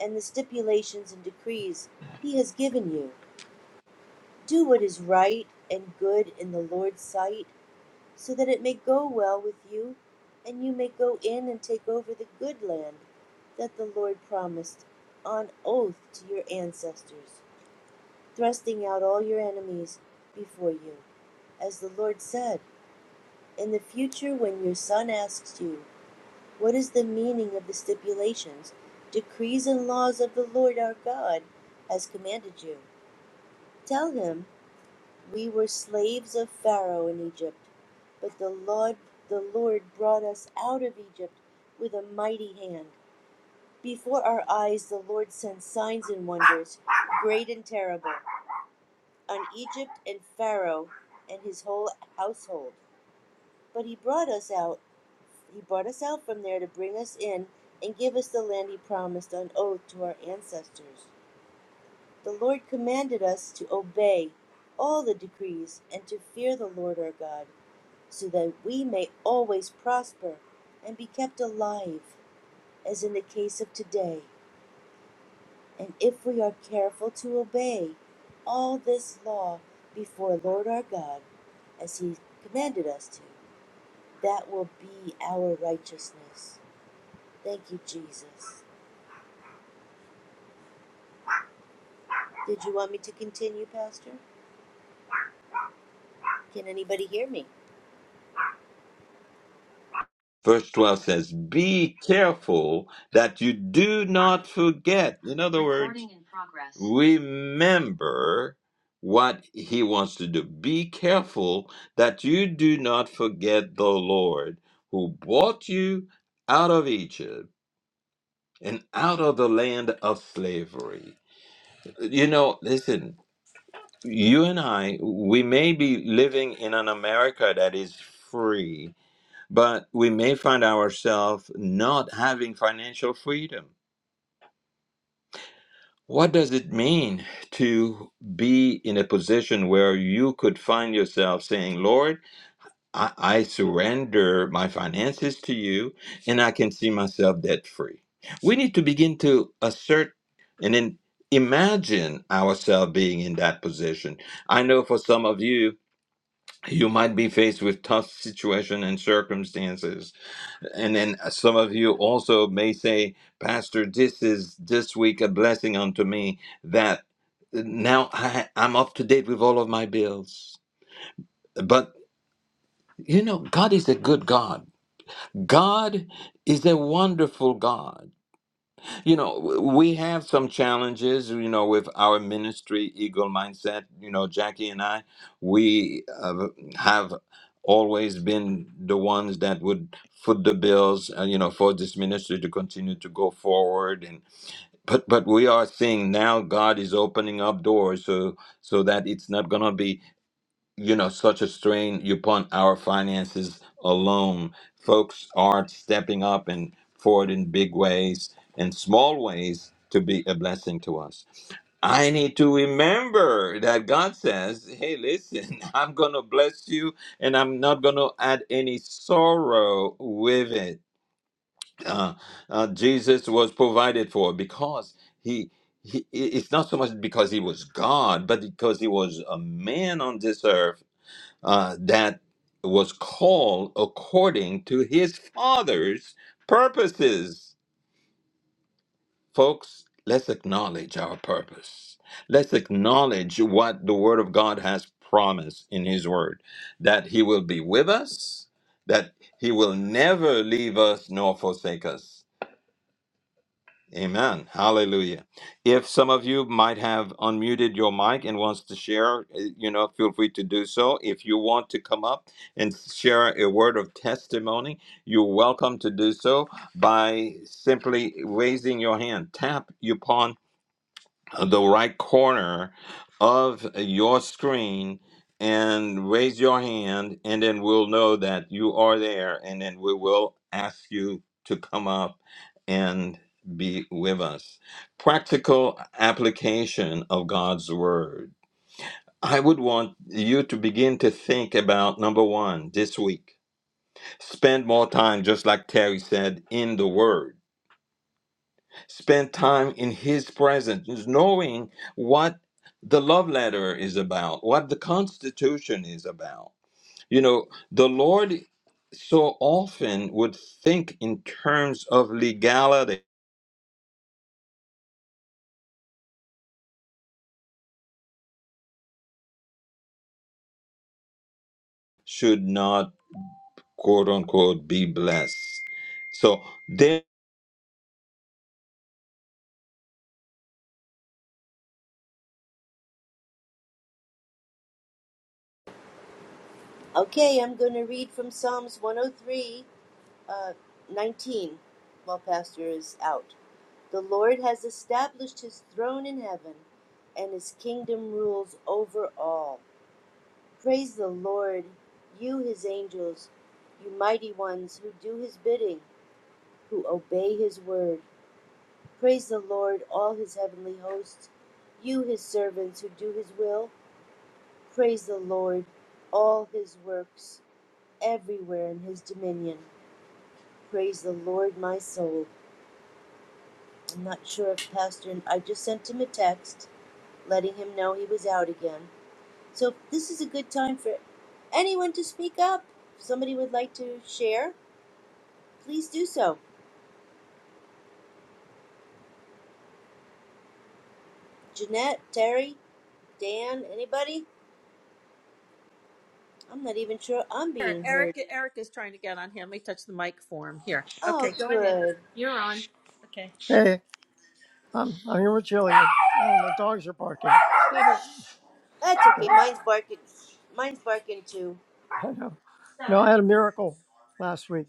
Speaker 2: and the stipulations and decrees he has given you. Do what is right and good in the Lord's sight so that it may go well with you, and you may go in and take over the good land that the Lord promised on oath to your ancestors, thrusting out all your enemies before you, as the Lord said. In the future, when your son asks you, What is the meaning of the stipulations, decrees, and laws of the Lord our God has commanded you? Tell him We were slaves of Pharaoh in Egypt, but the Lord the Lord brought us out of Egypt with a mighty hand. Before our eyes the Lord sent signs and wonders, great and terrible, on Egypt and Pharaoh and his whole household. But he brought us out he brought us out from there to bring us in and give us the land he promised on oath to our ancestors. The Lord commanded us to obey all the decrees and to fear the Lord our God so that we may always prosper and be kept alive, as in the case of today. And if we are careful to obey all this law before Lord our God, as He commanded us to, that will be our righteousness. Thank you, Jesus. Did you want me to continue, Pastor? Can anybody hear me?
Speaker 1: Verse 12 says, Be careful that you do not forget. In other words, Recording in progress. remember what he wants to do. Be careful that you do not forget the Lord who brought you out of Egypt and out of the land of slavery. You know, listen, you and I, we may be living in an America that is free but we may find ourselves not having financial freedom. What does it mean to be in a position where you could find yourself saying, Lord, I, I surrender my finances to you and I can see myself debt free? We need to begin to assert and then imagine ourselves being in that position. I know for some of you, you might be faced with tough situation and circumstances And then uh, some of you also may say, Pastor, this is this week a blessing unto me that uh, now I, I'm up to date with all of my bills. But you know, God is a good God. God is a wonderful God. You know, w- we have some challenges, you know, with our ministry, Eagle Mindset. You know, Jackie and I, we uh, have always been the ones that would foot the bills, uh, you know, for this ministry to continue to go forward. And but but we are seeing now God is opening up doors so so that it's not gonna be you know such a strain upon our finances alone folks are stepping up and forward in big ways and small ways to be a blessing to us i need to remember that god says hey listen i'm gonna bless you and i'm not gonna add any sorrow with it uh, uh, jesus was provided for because he he, it's not so much because he was God, but because he was a man on this earth uh, that was called according to his father's purposes. Folks, let's acknowledge our purpose. Let's acknowledge what the Word of God has promised in His Word that He will be with us, that He will never leave us nor forsake us Amen. Hallelujah. If some of you might have unmuted your mic and wants to share, eh, you know, feel free to do so. If you want to come up and share a word of testimony, you're welcome to do so by simply raising your hand. Tap upon the right corner of your screen and raise your hand, and then we'll know that you are there, and then we will ask you to come up and be with us. Practical application of God's Word. I would want you to begin to think about number one this week. Spend more time, just like Terry said, in the Word Spend time in His presence, knowing what the love letter is about, what the Constitution is about. You know, the Lord so often would think in terms of legality, should not, quote unquote, be blessed. So, their
Speaker 2: Okay, I'm going to read from Psalms 103 uh, 19, while Pastor is out. The Lord has established his throne in heaven, and his kingdom rules over all. Praise the Lord, you his angels, you mighty ones who do his bidding, who obey his word. Praise the Lord, all his heavenly hosts, you his servants who do his will. Praise the Lord, all his works, everywhere in his dominion. Praise the Lord, my soul. I'm not sure if Pastor, I just sent him a text letting him know he was out again. So this is a good time for anyone to speak up. If somebody would like to share, please do so. Jeanette, Terry, Dan, anybody? I'm not even sure I'm being
Speaker 3: Eric,
Speaker 2: heard.
Speaker 3: Eric is trying to get on here. Let me touch the mic for him. Here. Okay,
Speaker 2: Oh,
Speaker 3: go ahead.
Speaker 2: good.
Speaker 3: Okay. Hey, I'm, I'm here with Jillian. Oh, the dogs are barking.
Speaker 2: That's
Speaker 3: Okay.
Speaker 2: okay. Mine's barking. Mine's barking too.
Speaker 3: I know. No, I had a miracle last week.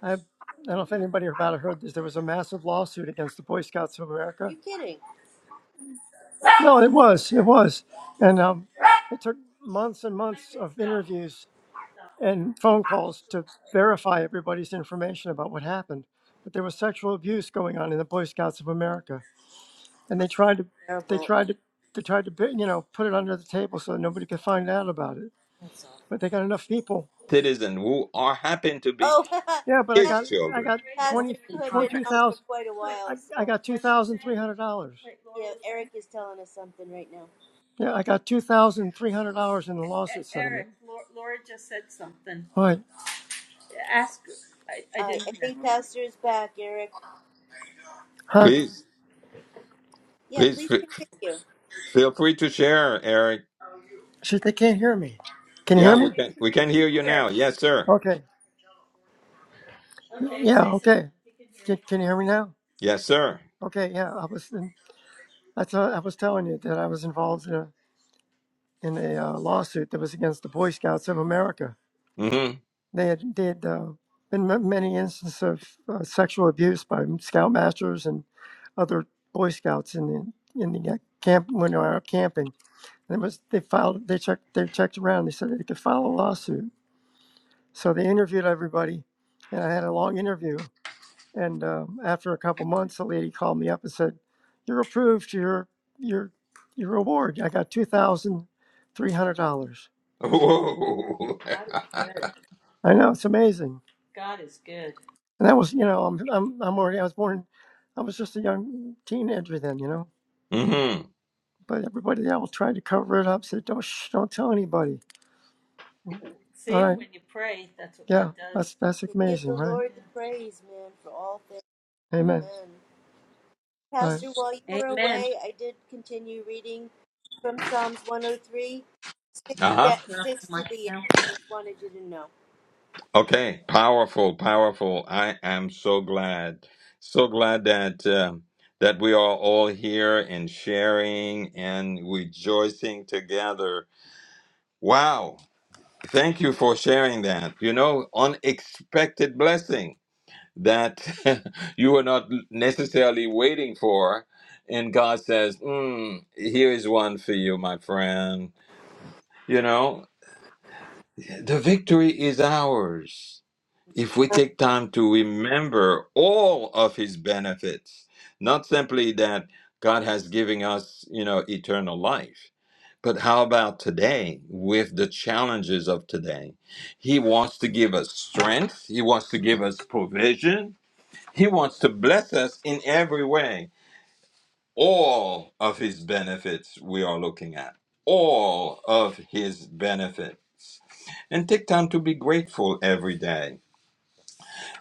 Speaker 3: I, I don't know if anybody about it heard this. There was a massive lawsuit against the Boy Scouts of America.
Speaker 2: You're kidding.
Speaker 3: No, it was. It was. And um, it took months and months of interviews and phone calls to verify everybody's information about what happened. But there was sexual abuse going on in the Boy Scouts of America. and they tried to they
Speaker 2: Terrible.
Speaker 3: tried to they tried to bu- you know put it under the table so that nobody could find out about it
Speaker 2: That's awful.
Speaker 3: but they got enough people
Speaker 1: citizens who are happen to be
Speaker 2: Oh,
Speaker 3: yeah but i
Speaker 2: Pastor,
Speaker 1: His
Speaker 3: got i
Speaker 1: children,
Speaker 3: got
Speaker 2: Pastor,
Speaker 3: 20
Speaker 2: you have been
Speaker 3: twenty
Speaker 2: out for
Speaker 3: thousand.
Speaker 2: quite a
Speaker 3: I,
Speaker 2: while,
Speaker 3: I
Speaker 2: so
Speaker 3: got $2300
Speaker 2: yeah, Eric is telling us something right now.
Speaker 3: yeah i got $2300 in the lawsuit settlement Eric, Lau- Laura just said something. What? Ask. I, I
Speaker 2: I
Speaker 3: didn't
Speaker 2: I
Speaker 3: hear.
Speaker 2: think Pastor is back, Eric.
Speaker 3: huh
Speaker 1: please,
Speaker 2: Yeah,
Speaker 1: please
Speaker 2: please
Speaker 1: f-
Speaker 2: continue.
Speaker 1: feel free to share, Eric.
Speaker 3: she they can't hear me can you
Speaker 1: Yeah,
Speaker 3: hear
Speaker 1: we
Speaker 3: me
Speaker 1: can we can hear you now. Yes, sir.
Speaker 3: okay yeah okay can, can you hear me now
Speaker 1: Yes, sir.
Speaker 3: okay yeah i was in, that's what i was telling you that i was involved in a in a uh, lawsuit that was against the Boy Scouts of America.
Speaker 1: Mm-hmm.
Speaker 3: They had did uh, been m- many instances of uh, sexual abuse by Scoutmasters and other Boy Scouts in the in the uh, camp when they were out camping. And it was they filed they checked they checked around. They said they could file a lawsuit. So they interviewed everybody, and I had a long interview. And um, after a couple months, a lady called me up and said, "You're approved. Your your your reward. I got two thousand three hundred dollars."
Speaker 1: Whoa.
Speaker 3: I know it's amazing. Good. And that was, you know, I'm, I'm, I'm already. I was born. I was just a young teenager then, you know.
Speaker 1: hmm
Speaker 3: But everybody else tried to cover it up. Said, "Don't, shh, don't tell anybody." See, All right. when you pray, that's what Yeah, God does. that's that's
Speaker 2: To give
Speaker 3: amazing,
Speaker 2: the
Speaker 3: right?
Speaker 2: Lord the praise, man, for all things.
Speaker 3: Amen.
Speaker 2: Amen.
Speaker 3: All
Speaker 2: Pastor, while you
Speaker 3: right.
Speaker 2: were
Speaker 3: Amen.
Speaker 2: away, I did continue reading from Psalms 103, 6, da-
Speaker 1: Uh-huh.
Speaker 2: 6 to the end. I just wanted you to know.
Speaker 1: Okay. Powerful, powerful. I am so glad. So glad that um that we are all here and sharing and rejoicing together. Wow. Thank you for sharing that. You know, unexpected blessing that you were not necessarily waiting for. And God says, mm, here is one for you, my friend. You know, The victory is ours if we take time to remember all of his benefits, not simply that God has given us, you know, eternal life. But how about today with the challenges of today? He wants to give us strength. He wants to give us provision. He wants to bless us in every way all of his benefits we are looking at all of his benefits and take time to be grateful every day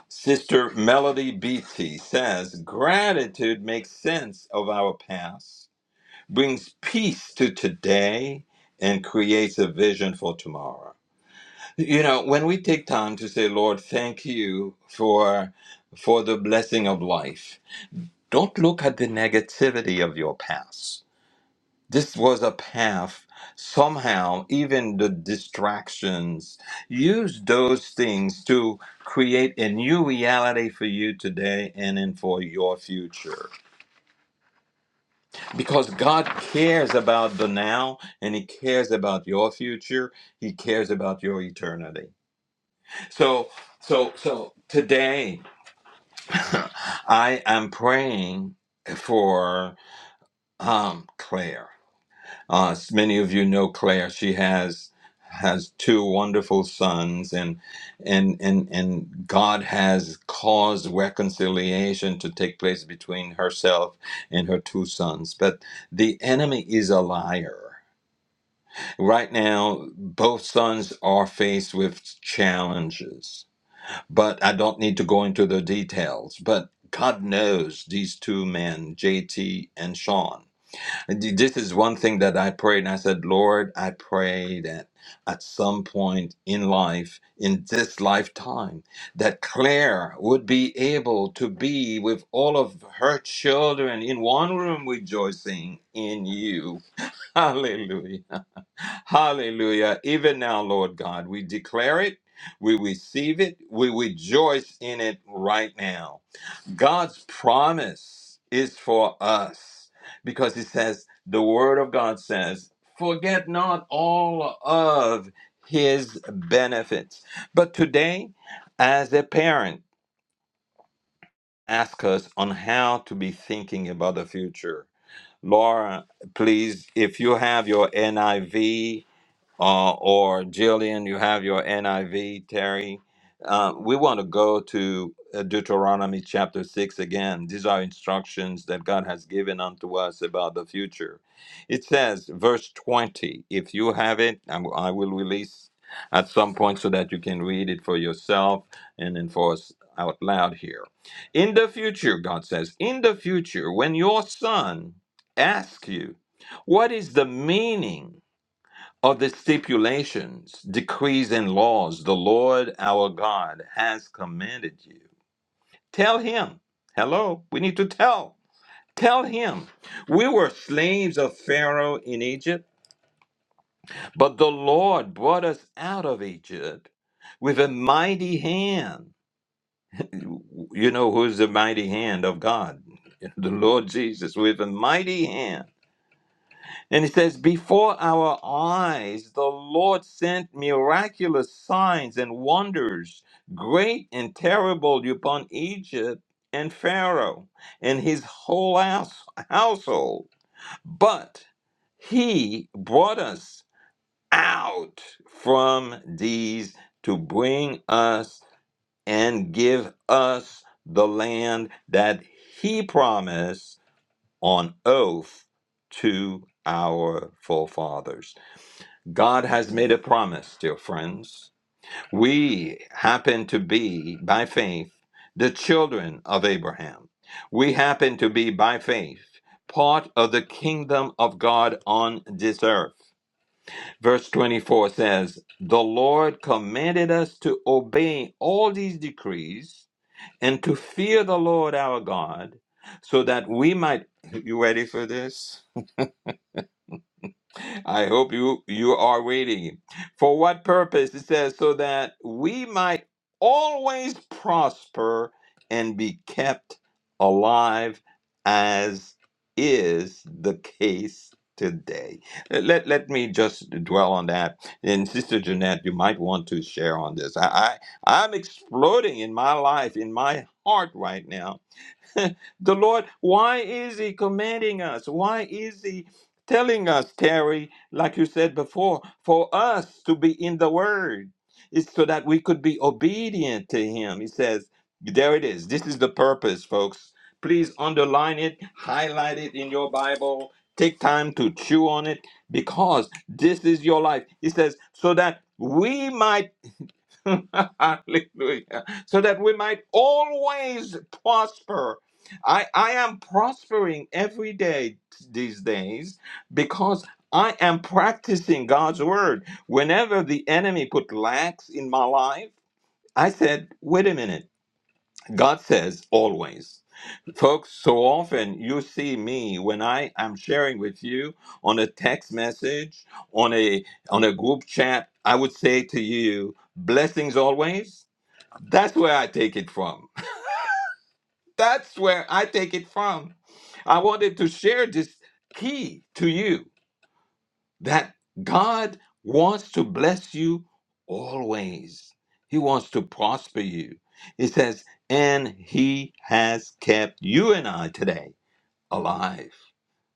Speaker 1: sister melody beatty says gratitude makes sense of our past brings peace to today and creates a vision for tomorrow you know when we take time to say lord thank you for for the blessing of life don't look at the negativity of your past this was a path somehow even the distractions use those things to create a new reality for you today and in for your future because god cares about the now and he cares about your future he cares about your eternity so so so today i am praying for um claire Uh, s- many of you know Claire. She has has two wonderful sons, and and and and God has caused reconciliation to take place between herself and her two sons. But the enemy is a liar. Right now, both sons are faced with challenges, but I don't need to go into the details. But God knows these two men, JT and Sean and th- This is one thing that I prayed, and I said, Lord, I pray that at some point in life, in this lifetime, that Claire would be able to be with all of her children in one room rejoicing in you. Hallelujah. Hallelujah. Even now, Lord God, we declare it, we receive it, we rejoice in it right now. God's promise is for us because it says, the word of God says, forget not all of his benefits. But today, as a parent, ask us on how to be thinking about the future. Laura, please, if you have your NIV, uh, or Jillian, you have your NIV, Terry. Uh, we want to go to uh, Deuteronomy chapter 6 again. These are instructions that God has given unto us about the future. It says, verse 20, if you have it, I'm, I will release at some point so that you can read it for yourself and then for us out loud here. In the future, God says, in the future, when your son asks you, what is the meaning? of the stipulations, decrees, and laws the Lord our God has commanded you. Tell him. Hello, we need to tell. Tell him. We were slaves of Pharaoh in Egypt, but the Lord brought us out of Egypt with a mighty hand. You know who's the mighty hand of God? The Lord Jesus with a mighty hand And it says, Before our eyes, the Lord sent miraculous signs and wonders, great and terrible, upon Egypt and Pharaoh and his whole house, household. But he brought us out from these to bring us and give us the land that he promised on oath to our forefathers. God has made a promise, dear friends. We happen to be, by faith, the children of Abraham. We happen to be, by faith, part of the kingdom of God on this earth. Verse 24 says, The Lord commanded us to obey all these decrees and to fear the Lord our God, so that we might. You ready for this? I hope you you are waiting. For what purpose? It says so that we might always prosper and be kept alive as is the case today. Let let me just dwell on that. And Sister Jeanette, you might want to share on this. I, I I'm exploding in my life, in my heart right now the Lord, why is He commanding us? Why is He telling us, Terry, like you said before, for us to be in the Word? It's so that we could be obedient to Him. He says, there it is. This is the purpose, folks. Please underline it, highlight it in your Bible, take time to chew on it because this is your life. He says, so that we might Hallelujah. So that we might always prosper. I, I am prospering every day these days because I am practicing God's word. Whenever the enemy put lacks in my life, I said, wait a minute. God says always. Folks, so often you see me when I am sharing with you on a text message, on a on a group chat, I would say to you, blessings always that's where I take it from. That's where I take it from. I wanted to share this key to you that God wants to bless you always. He wants to prosper you. He says, and He has kept you and I today alive.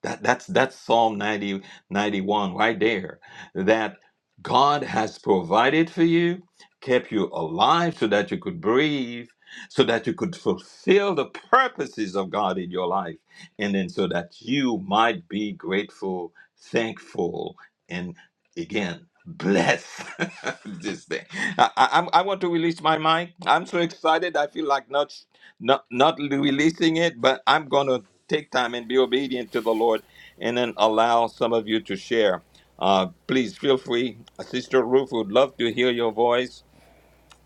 Speaker 1: That, that's that's Psalm 90 91 right there. That God has provided for you, kept you alive so that you could breathe, so that you could fulfill the purposes of God in your life, and then so that you might be grateful, thankful, and again blessed. this thing. I, I, I'm- I want to release my mic. I'm so excited. I feel like not not not releasing it, but I'm going to take time and be obedient to the Lord, and then allow some of you to share. Uh, please feel free, Uh, Sister Ruth. Would love to hear your voice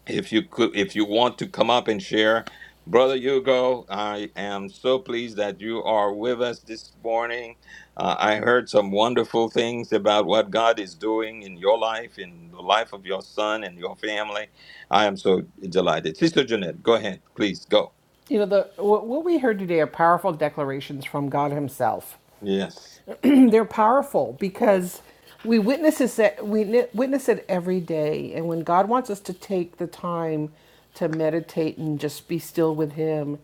Speaker 1: if you could, if you want to come up and share. Brother Hugo, I am so pleased that you are with us this morning. Uh, I heard some wonderful things about what God is doing in your life, in the life of your son and your family. I am so delighted. Sister Jeanette, go ahead, please go.
Speaker 6: You know the what we heard today are powerful declarations from God Himself.
Speaker 1: Yes.
Speaker 6: they're powerful because we witness it. we witness it every day and when god wants us to take the time to meditate and just be still with him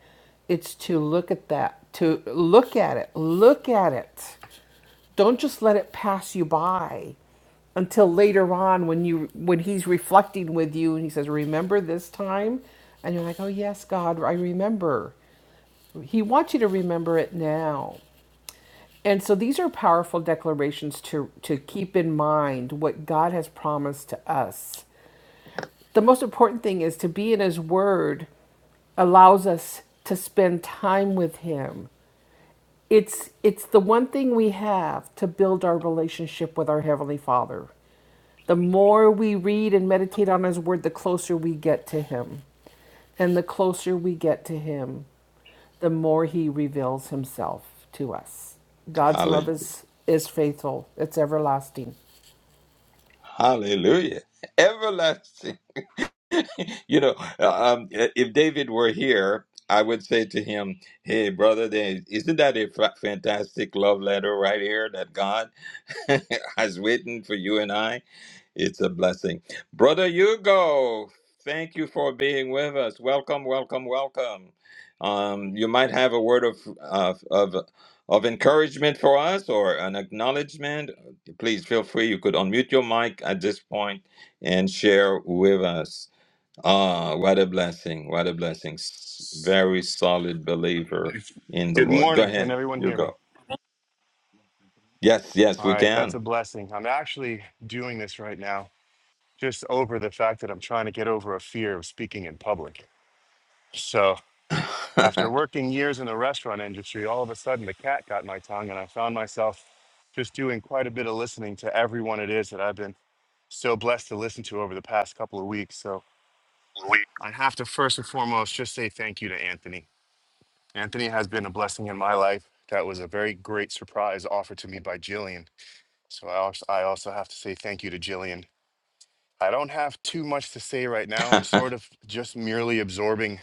Speaker 6: it's to look at that to look at it look at it don't just let it pass you by until later on when you when he's reflecting with you and he says remember this time and you're like oh yes god i remember he wants you to remember it now and so these are powerful declarations to, to keep in mind what God has promised to us. The most important thing is to be in His Word allows us to spend time with Him it's it's the one thing we have to build our relationship with our heavenly father the more we read and meditate on his word the closer we get to him and the closer we get to him the more he reveals himself to us god's
Speaker 1: Hallelujah.
Speaker 6: love is is faithful it's everlasting
Speaker 1: Hallelujah. Everlasting. you know, um, if David were here, I would say to him, Hey, brother, there- isn't that a fa- fantastic love letter right here that God has written for you and I? It's a blessing. Brother Hugo, thank you for being with us. Welcome, welcome, welcome. Um, you might have a word of, of, of, of encouragement for us or an acknowledgement. Please feel free. You could unmute your mic at this point and share with us. Ah, what a blessing. What a blessing. S- Very solid believer in the
Speaker 7: Good
Speaker 1: Lord. Go
Speaker 7: morning. Can
Speaker 1: ahead,
Speaker 7: everyone hear me?
Speaker 1: Hugo. Yes, yes,
Speaker 7: All
Speaker 1: we
Speaker 7: right, that's a
Speaker 1: can.
Speaker 7: blessing. I'm actually doing this right now just over the fact that I'm trying to get over a fear of speaking in public. So, after working years in the restaurant industry, all of a sudden the cat got my tongue, and I found myself just doing quite a bit of listening to everyone it is that I've been so blessed to listen to over the past couple of weeks. So, I have to first and foremost just say thank you to Anthony. Anthony has been a blessing in my life. That was a very great surprise offered to me by Jillian So I also, I also have to say thank you to Jillian. I don't have too much to say right now. I'm sort of just merely absorbing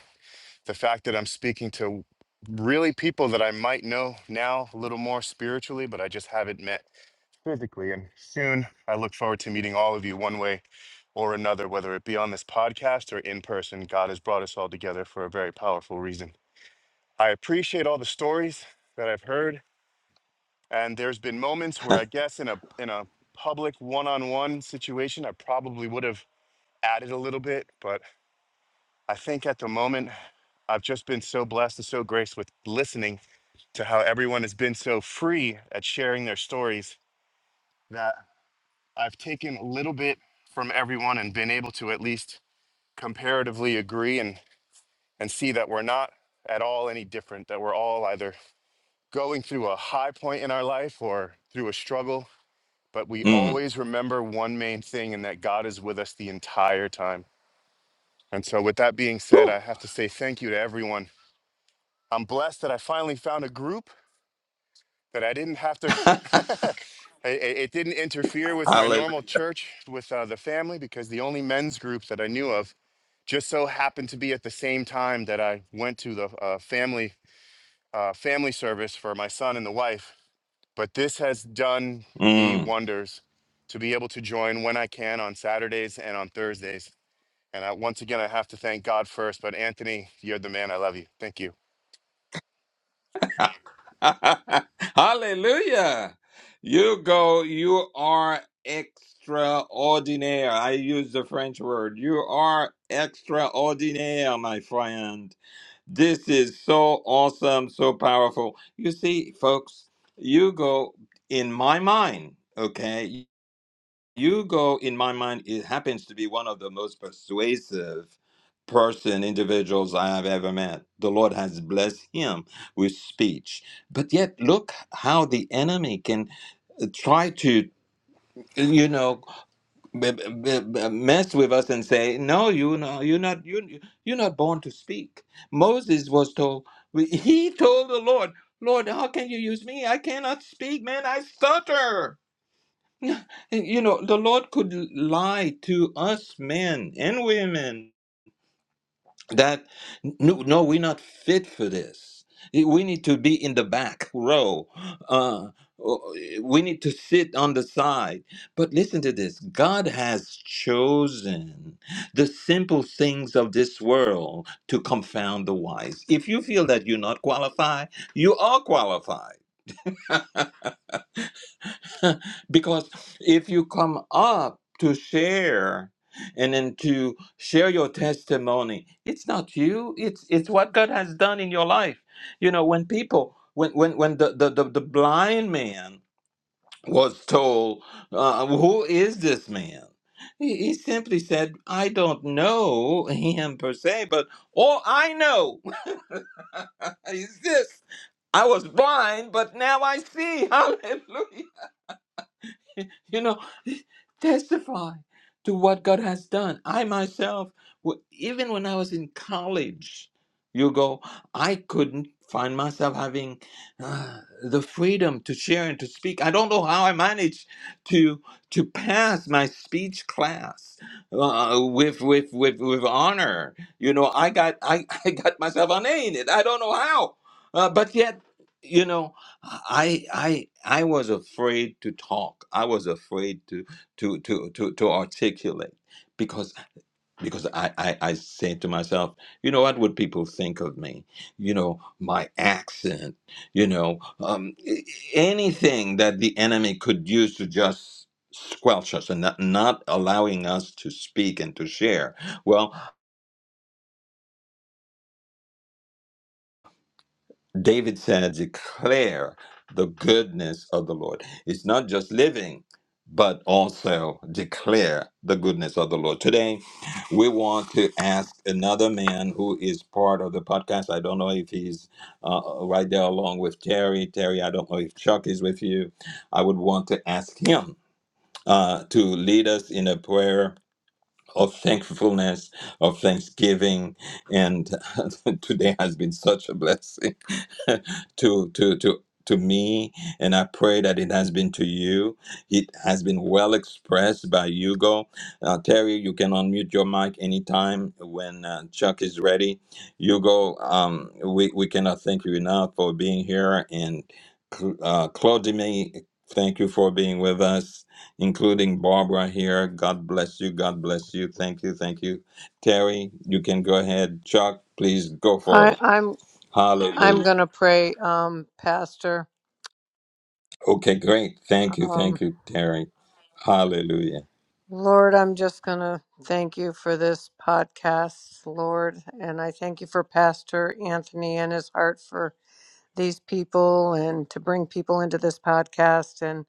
Speaker 7: the fact that I'm speaking to really people that I might know now a little more spiritually, but I just haven't met physically. And soon I look forward to meeting all of you one way or another, whether it be on this podcast or in person. God has brought us all together for a very powerful reason. I appreciate all the stories that I've heard and there's been moments where I guess in a in a public one-on-one situation, I probably would have added a little bit, but I think at the moment I've just been so blessed and so graced with listening to how everyone has been so free at sharing their stories that I've taken a little bit from everyone and been able to at least comparatively agree and and see that we're not at all any different that we're all either going through a high point in our life or through a struggle But we
Speaker 1: Mm.
Speaker 7: always remember one main thing, and that God is with us the entire time. And so, with that being said,
Speaker 1: Whew.
Speaker 7: I have to say thank you to everyone. I'm blessed that I finally found a group that I didn't have to, it, it- it didn't interfere with my
Speaker 1: Hallelujah.
Speaker 7: normal church with uh, the family because the only men's group that I knew of just so happened to be at the same time that I went to the uh, family uh, family service for my son and the wife. But this has done me
Speaker 1: Mm.
Speaker 7: wonders to be able to join when I can on Saturdays and on Thursdays. And I, once again, I have to thank God first. But Anthony, you're the man. I love you. Thank you.
Speaker 1: Hallelujah. You go, you are extraordinaire. I use the French word. You are extraordinaire, my friend. This is so awesome, so powerful. You see, folks, you go in my mind, okay? Hugo, in my mind, it happens to be one of the most persuasive person, individuals I have ever met. The Lord has blessed him with speech. But yet, look how the enemy can uh, try to you know b- b- b- mess with us and say no you know you're not you you're not born to speak moses was told he told the lord lord how can you use me i cannot speak man i stutter You know, the Lord could lie to us men and women that no, no, we're not fit for this. We need to be in the back row. Uh, we need to sit on the side. But listen to this God has chosen the simple things of this world to confound the wise. If you feel that you're not qualified, you are qualified. because if you come up to share and then to share your testimony it's not you it's it's what god has done in your life you know when people when when when the the, the, the blind man was told uh, who is this man he, he simply said i don't know him per se but all i know is this i was blind but now i see hallelujah you know, testify to what God has done. I myself, w- even when I was in college, you go, I couldn't find myself having uh, the freedom to share and to speak. I don't know how I managed to to pass my speech class uh, with, with with with honor. You know, I got I, I got myself on in it. I don't know how, uh, but yet, you know. I I I was afraid to talk. I was afraid to to to to, to articulate because because I, I I said to myself, you know, what would people think of me? You know, my accent. You know, um, a- anything that the enemy could use to just squelch us and not, not allowing us to speak and to share. Well, David said, declare the goodness of the Lord. It's not just living, but also declare the goodness of the Lord. Today, we want to ask another man who is part of the podcast. I don't know if he's uh, right there along with Terry. Terry, I don't know if Chuck is with you. I would want to ask him uh, to lead us in a prayer of thankfulness, of thanksgiving. And today has been such a blessing. to to to to me and i pray that it has been to you it has been well expressed by hugo uh, terry you can unmute your mic anytime when uh, chuck is ready hugo um, we, we cannot thank you enough for being here and Cl- uh, claudine thank you for being with us including barbara here god bless you god bless you thank you thank you terry you can go ahead chuck please go for
Speaker 5: I,
Speaker 1: it
Speaker 5: I'm I'm
Speaker 1: hallelujah
Speaker 5: gonna pray, um, Pastor.
Speaker 1: Okay, great. Thank you.
Speaker 5: Um,
Speaker 1: Thank you, Terry. Hallelujah.
Speaker 5: Lord, I'm just going to thank you for this podcast, Lord. And I thank you for Pastor Anthony and his heart for these people and to bring people into this podcast. And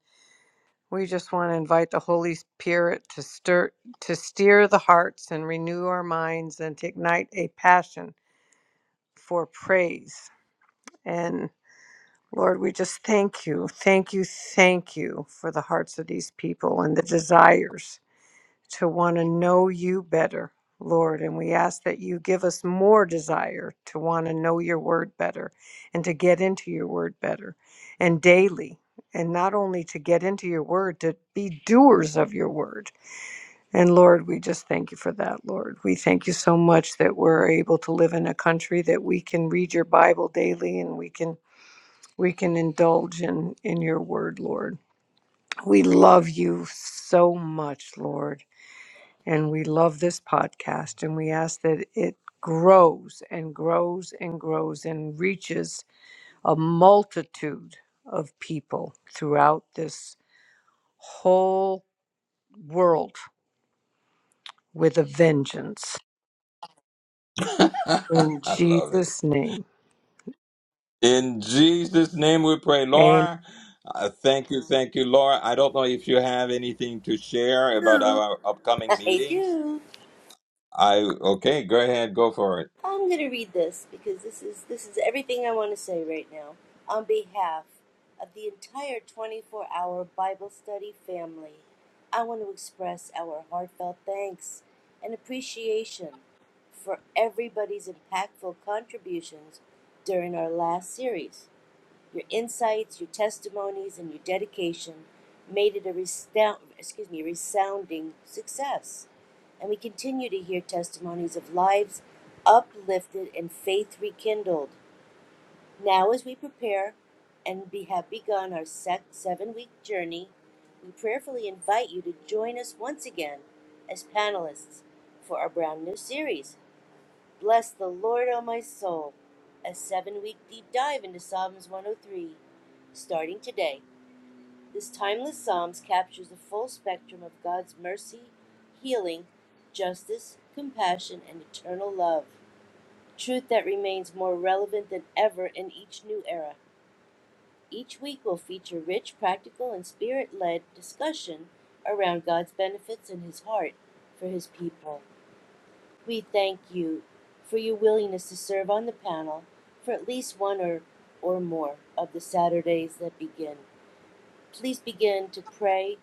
Speaker 5: we just want to invite the Holy Spirit to stir, to steer the hearts and renew our minds and to ignite a passion for praise. And Lord, we just thank you, thank you, thank you for the hearts of these people and the desires. to want to know you better, Lord. And we ask that you give us more desire to want to know your word better and to get into your word better and daily. And not only to get into your word, to be doers of your word. And Lord, we just thank you for that, Lord. We thank you so much that we're able to live in a country that we can read your Bible daily and we can we can indulge in in your word, Lord. We love you so much, Lord and we love this podcast and we ask that it grows and grows and grows and reaches a multitude of people throughout this whole world with a vengeance.
Speaker 1: I
Speaker 5: In
Speaker 1: love it.
Speaker 5: Jesus' name,
Speaker 1: In Jesus' name we pray.
Speaker 5: Amen.
Speaker 1: Laura, uh, thank you. Thank you, Laura. I don't know if you have anything to share about
Speaker 2: Do.
Speaker 1: our upcoming
Speaker 2: I
Speaker 1: meetings.
Speaker 2: do.
Speaker 1: I okay, go ahead, go for it.
Speaker 2: I'm going to read this because this is this is everything I want to say right now on behalf of the entire 24-hour Bible study family. I want to express our heartfelt thanks and appreciation for everybody's impactful contributions during our last series. Your insights, your testimonies, and your dedication made it a resound, excuse me, a resounding success. And we continue to hear testimonies of lives uplifted and faith rekindled. Now, as we prepare and we have begun our seven week journey, we prayerfully invite you to join us once again as panelists for our brand new series. Bless the Lord, O my soul. A seven week deep dive into Psalms 103. Starting today, this timeless Psalms captures the full spectrum of God's mercy, healing, justice, compassion, and eternal love. Truth that remains more relevant than ever in each new era. Each week will feature rich, practical, and spirit led discussion around God's benefits and His heart for His people. We thank you for your willingness to serve on the panel for at least one or, or more of the Saturdays that begin. Please begin to pray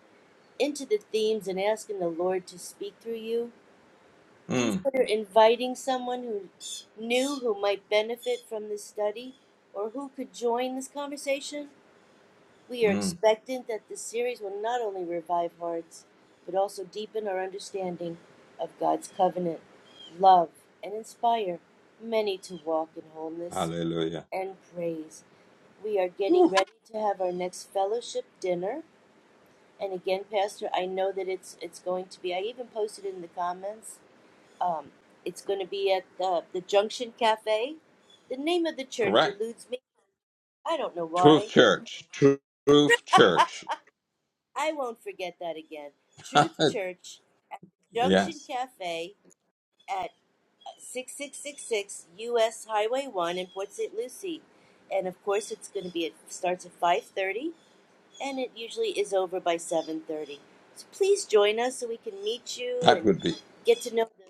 Speaker 2: into the themes and asking the Lord to speak through you.
Speaker 1: Mm,
Speaker 2: Consider inviting someone who knew who might benefit from this study or who could join this conversation. We are
Speaker 1: mm,
Speaker 2: expectant that this series will not only revive hearts, but also deepen our understanding of God's covenant, love, and inspire many to walk in wholeness
Speaker 1: hallelujah.
Speaker 2: and praise. We are getting
Speaker 1: Woo,
Speaker 2: ready to have our next fellowship dinner. And again, Pastor, I know that it's it's going to be. I even posted in the comments. Um, it's going to be at the the Junction Cafe. The name of the church
Speaker 1: correct.
Speaker 2: eludes me. I don't know
Speaker 1: Truth
Speaker 2: why.
Speaker 1: Church. Truth Church.
Speaker 2: I won't forget that again. Truth Church, Junction
Speaker 1: yes,
Speaker 2: Cafe at 6666 US Highway 1 in Port St. Lucie. And of course, it's going to be it starts at 5:30 and it usually is over by 7:30. So please join us so we can meet you
Speaker 1: that
Speaker 2: and
Speaker 1: would be.
Speaker 2: get to know the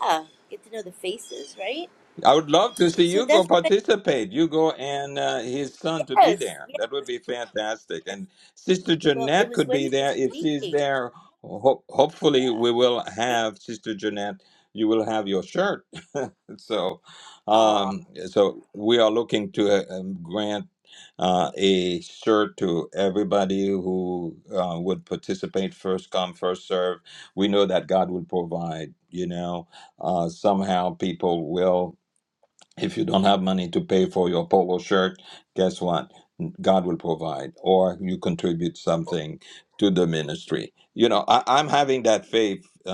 Speaker 2: yeah, get to know the faces, right?
Speaker 1: I would love to see
Speaker 2: So
Speaker 1: you go
Speaker 2: that's what
Speaker 1: participate. You go and uh, his son to
Speaker 2: I
Speaker 1: be
Speaker 2: yes,
Speaker 1: there. That would be fantastic.
Speaker 2: yes.
Speaker 1: And Sister
Speaker 2: Well, it
Speaker 1: Jeanette
Speaker 2: was
Speaker 1: could
Speaker 2: when
Speaker 1: be
Speaker 2: he was
Speaker 1: there if she's
Speaker 2: speaking.
Speaker 1: there. Ho- hopefully,
Speaker 2: Yeah,
Speaker 1: we will
Speaker 2: great.
Speaker 1: have Sister Jeanette. You will have your shirt. so,
Speaker 2: Oh,
Speaker 1: um, so we are looking to uh, um, grant uh, a shirt to everybody who uh, would participate. First come, first serve. We know that God will provide. You know, uh, somehow people will if you don't have money to pay for your polo shirt, guess what? God will provide, or you contribute something to the ministry. You know, I, I'm having that faith, uh,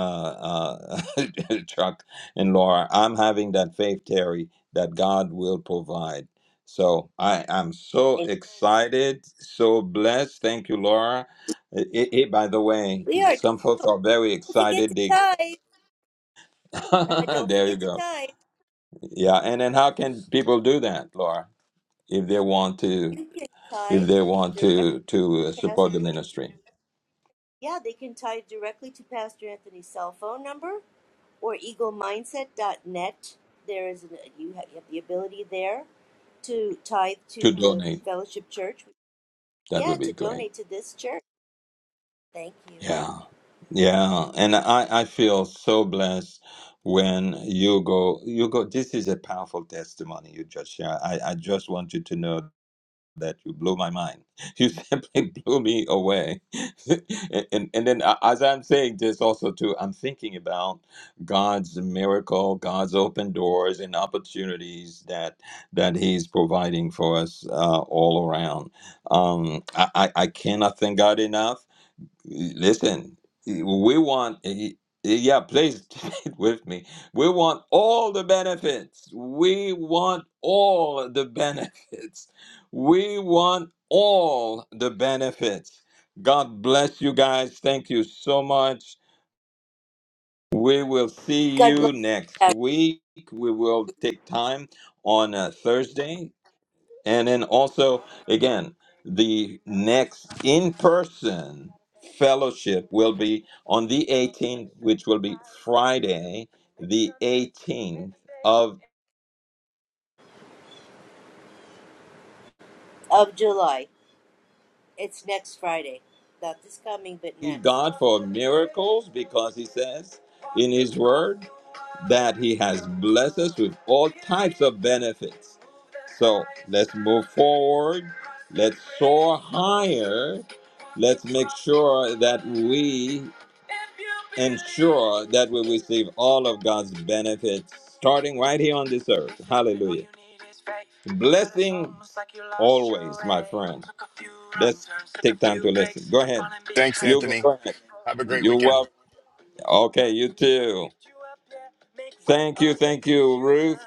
Speaker 1: uh, Chuck and Laura. I'm having that faith, Terry, that God will provide. So I am so
Speaker 2: amen.
Speaker 1: excited, so blessed. Thank you, Laura. It, it, it- by the way,
Speaker 2: We are
Speaker 1: some folks are very
Speaker 2: Don't forget
Speaker 1: excited.
Speaker 2: to
Speaker 1: They,
Speaker 2: tithe. Don't
Speaker 1: there you
Speaker 2: forget to
Speaker 1: go.
Speaker 2: tithe.
Speaker 1: Yeah, and then how can people do that, Laura? if they want to
Speaker 2: You can
Speaker 1: if
Speaker 2: tithe
Speaker 1: they want
Speaker 2: directly
Speaker 1: to to uh,
Speaker 2: to
Speaker 1: support
Speaker 2: Pastor
Speaker 1: the ministry
Speaker 2: Anthony. Yeah, they can tithe directly to Pastor Anthony's cell phone number or eaglemindset.net. There is an, you, have, you have the ability there to tithe
Speaker 1: to
Speaker 2: to the
Speaker 1: donate
Speaker 2: fellowship church.
Speaker 1: that
Speaker 2: Yeah,
Speaker 1: would
Speaker 2: to
Speaker 1: be great
Speaker 2: donate to this church. Thank you.
Speaker 1: yeah yeah and i i feel so blessed when you go you go this is a powerful testimony you just share i i just want you to know that you blew my mind. You simply blew me away. and, and and then a- as I'm saying this also too, I'm thinking about God's miracle, God's open doors and opportunities that that He's providing for us uh, all around. Um, I, I I cannot thank God enough. Listen, we want, eh, eh, yeah, please it with me. We want all the benefits. We want all the benefits. We want all the benefits. God bless you guys. Thank you so much. We will see
Speaker 2: God bless
Speaker 1: you next week. We will take time on a Thursday and then also, again, the next in person fellowship will be on the 18th, which will be Friday, the 18th of
Speaker 2: of July. It's next Friday. Not this coming, but
Speaker 1: believe
Speaker 2: next.
Speaker 1: God for miracles because he says in his word. that He has blessed us with all types of benefits. So let's move forward. Let's soar higher. Let's make sure that we ensure that we receive all of God's benefits starting right here on this earth. Hallelujah. Blessing always, my friend. Let's take time to listen. Go ahead.
Speaker 7: Thanks,
Speaker 1: You go,
Speaker 7: Anthony.
Speaker 1: go ahead.
Speaker 7: Have a great
Speaker 1: You're
Speaker 7: weekend.
Speaker 1: welcome. Okay, you too. Thank you, thank you, Ruth.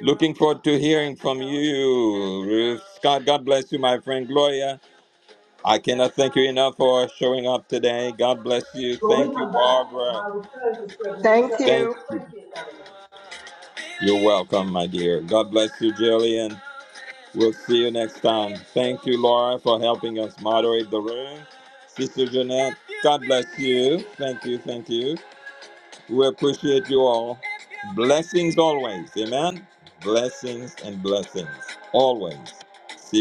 Speaker 1: Looking forward to hearing from you, Ruth. Scott, God bless you, my friend Gloria. I cannot thank you enough for showing up today. God bless you.
Speaker 8: When we
Speaker 1: Thank you,
Speaker 8: come back,
Speaker 1: Barbara.
Speaker 8: my recurring description is Thank
Speaker 1: Thank
Speaker 8: you.
Speaker 1: you.
Speaker 8: 20th anniversary.
Speaker 1: You're welcome, my dear. God bless you, Jillian. We'll see you next time. Thank you, Laura, for helping us moderate the room. Sister Jeanette, God bless you. Thank you, thank you. We appreciate you all. Blessings always. Amen. Blessings and blessings always. See you.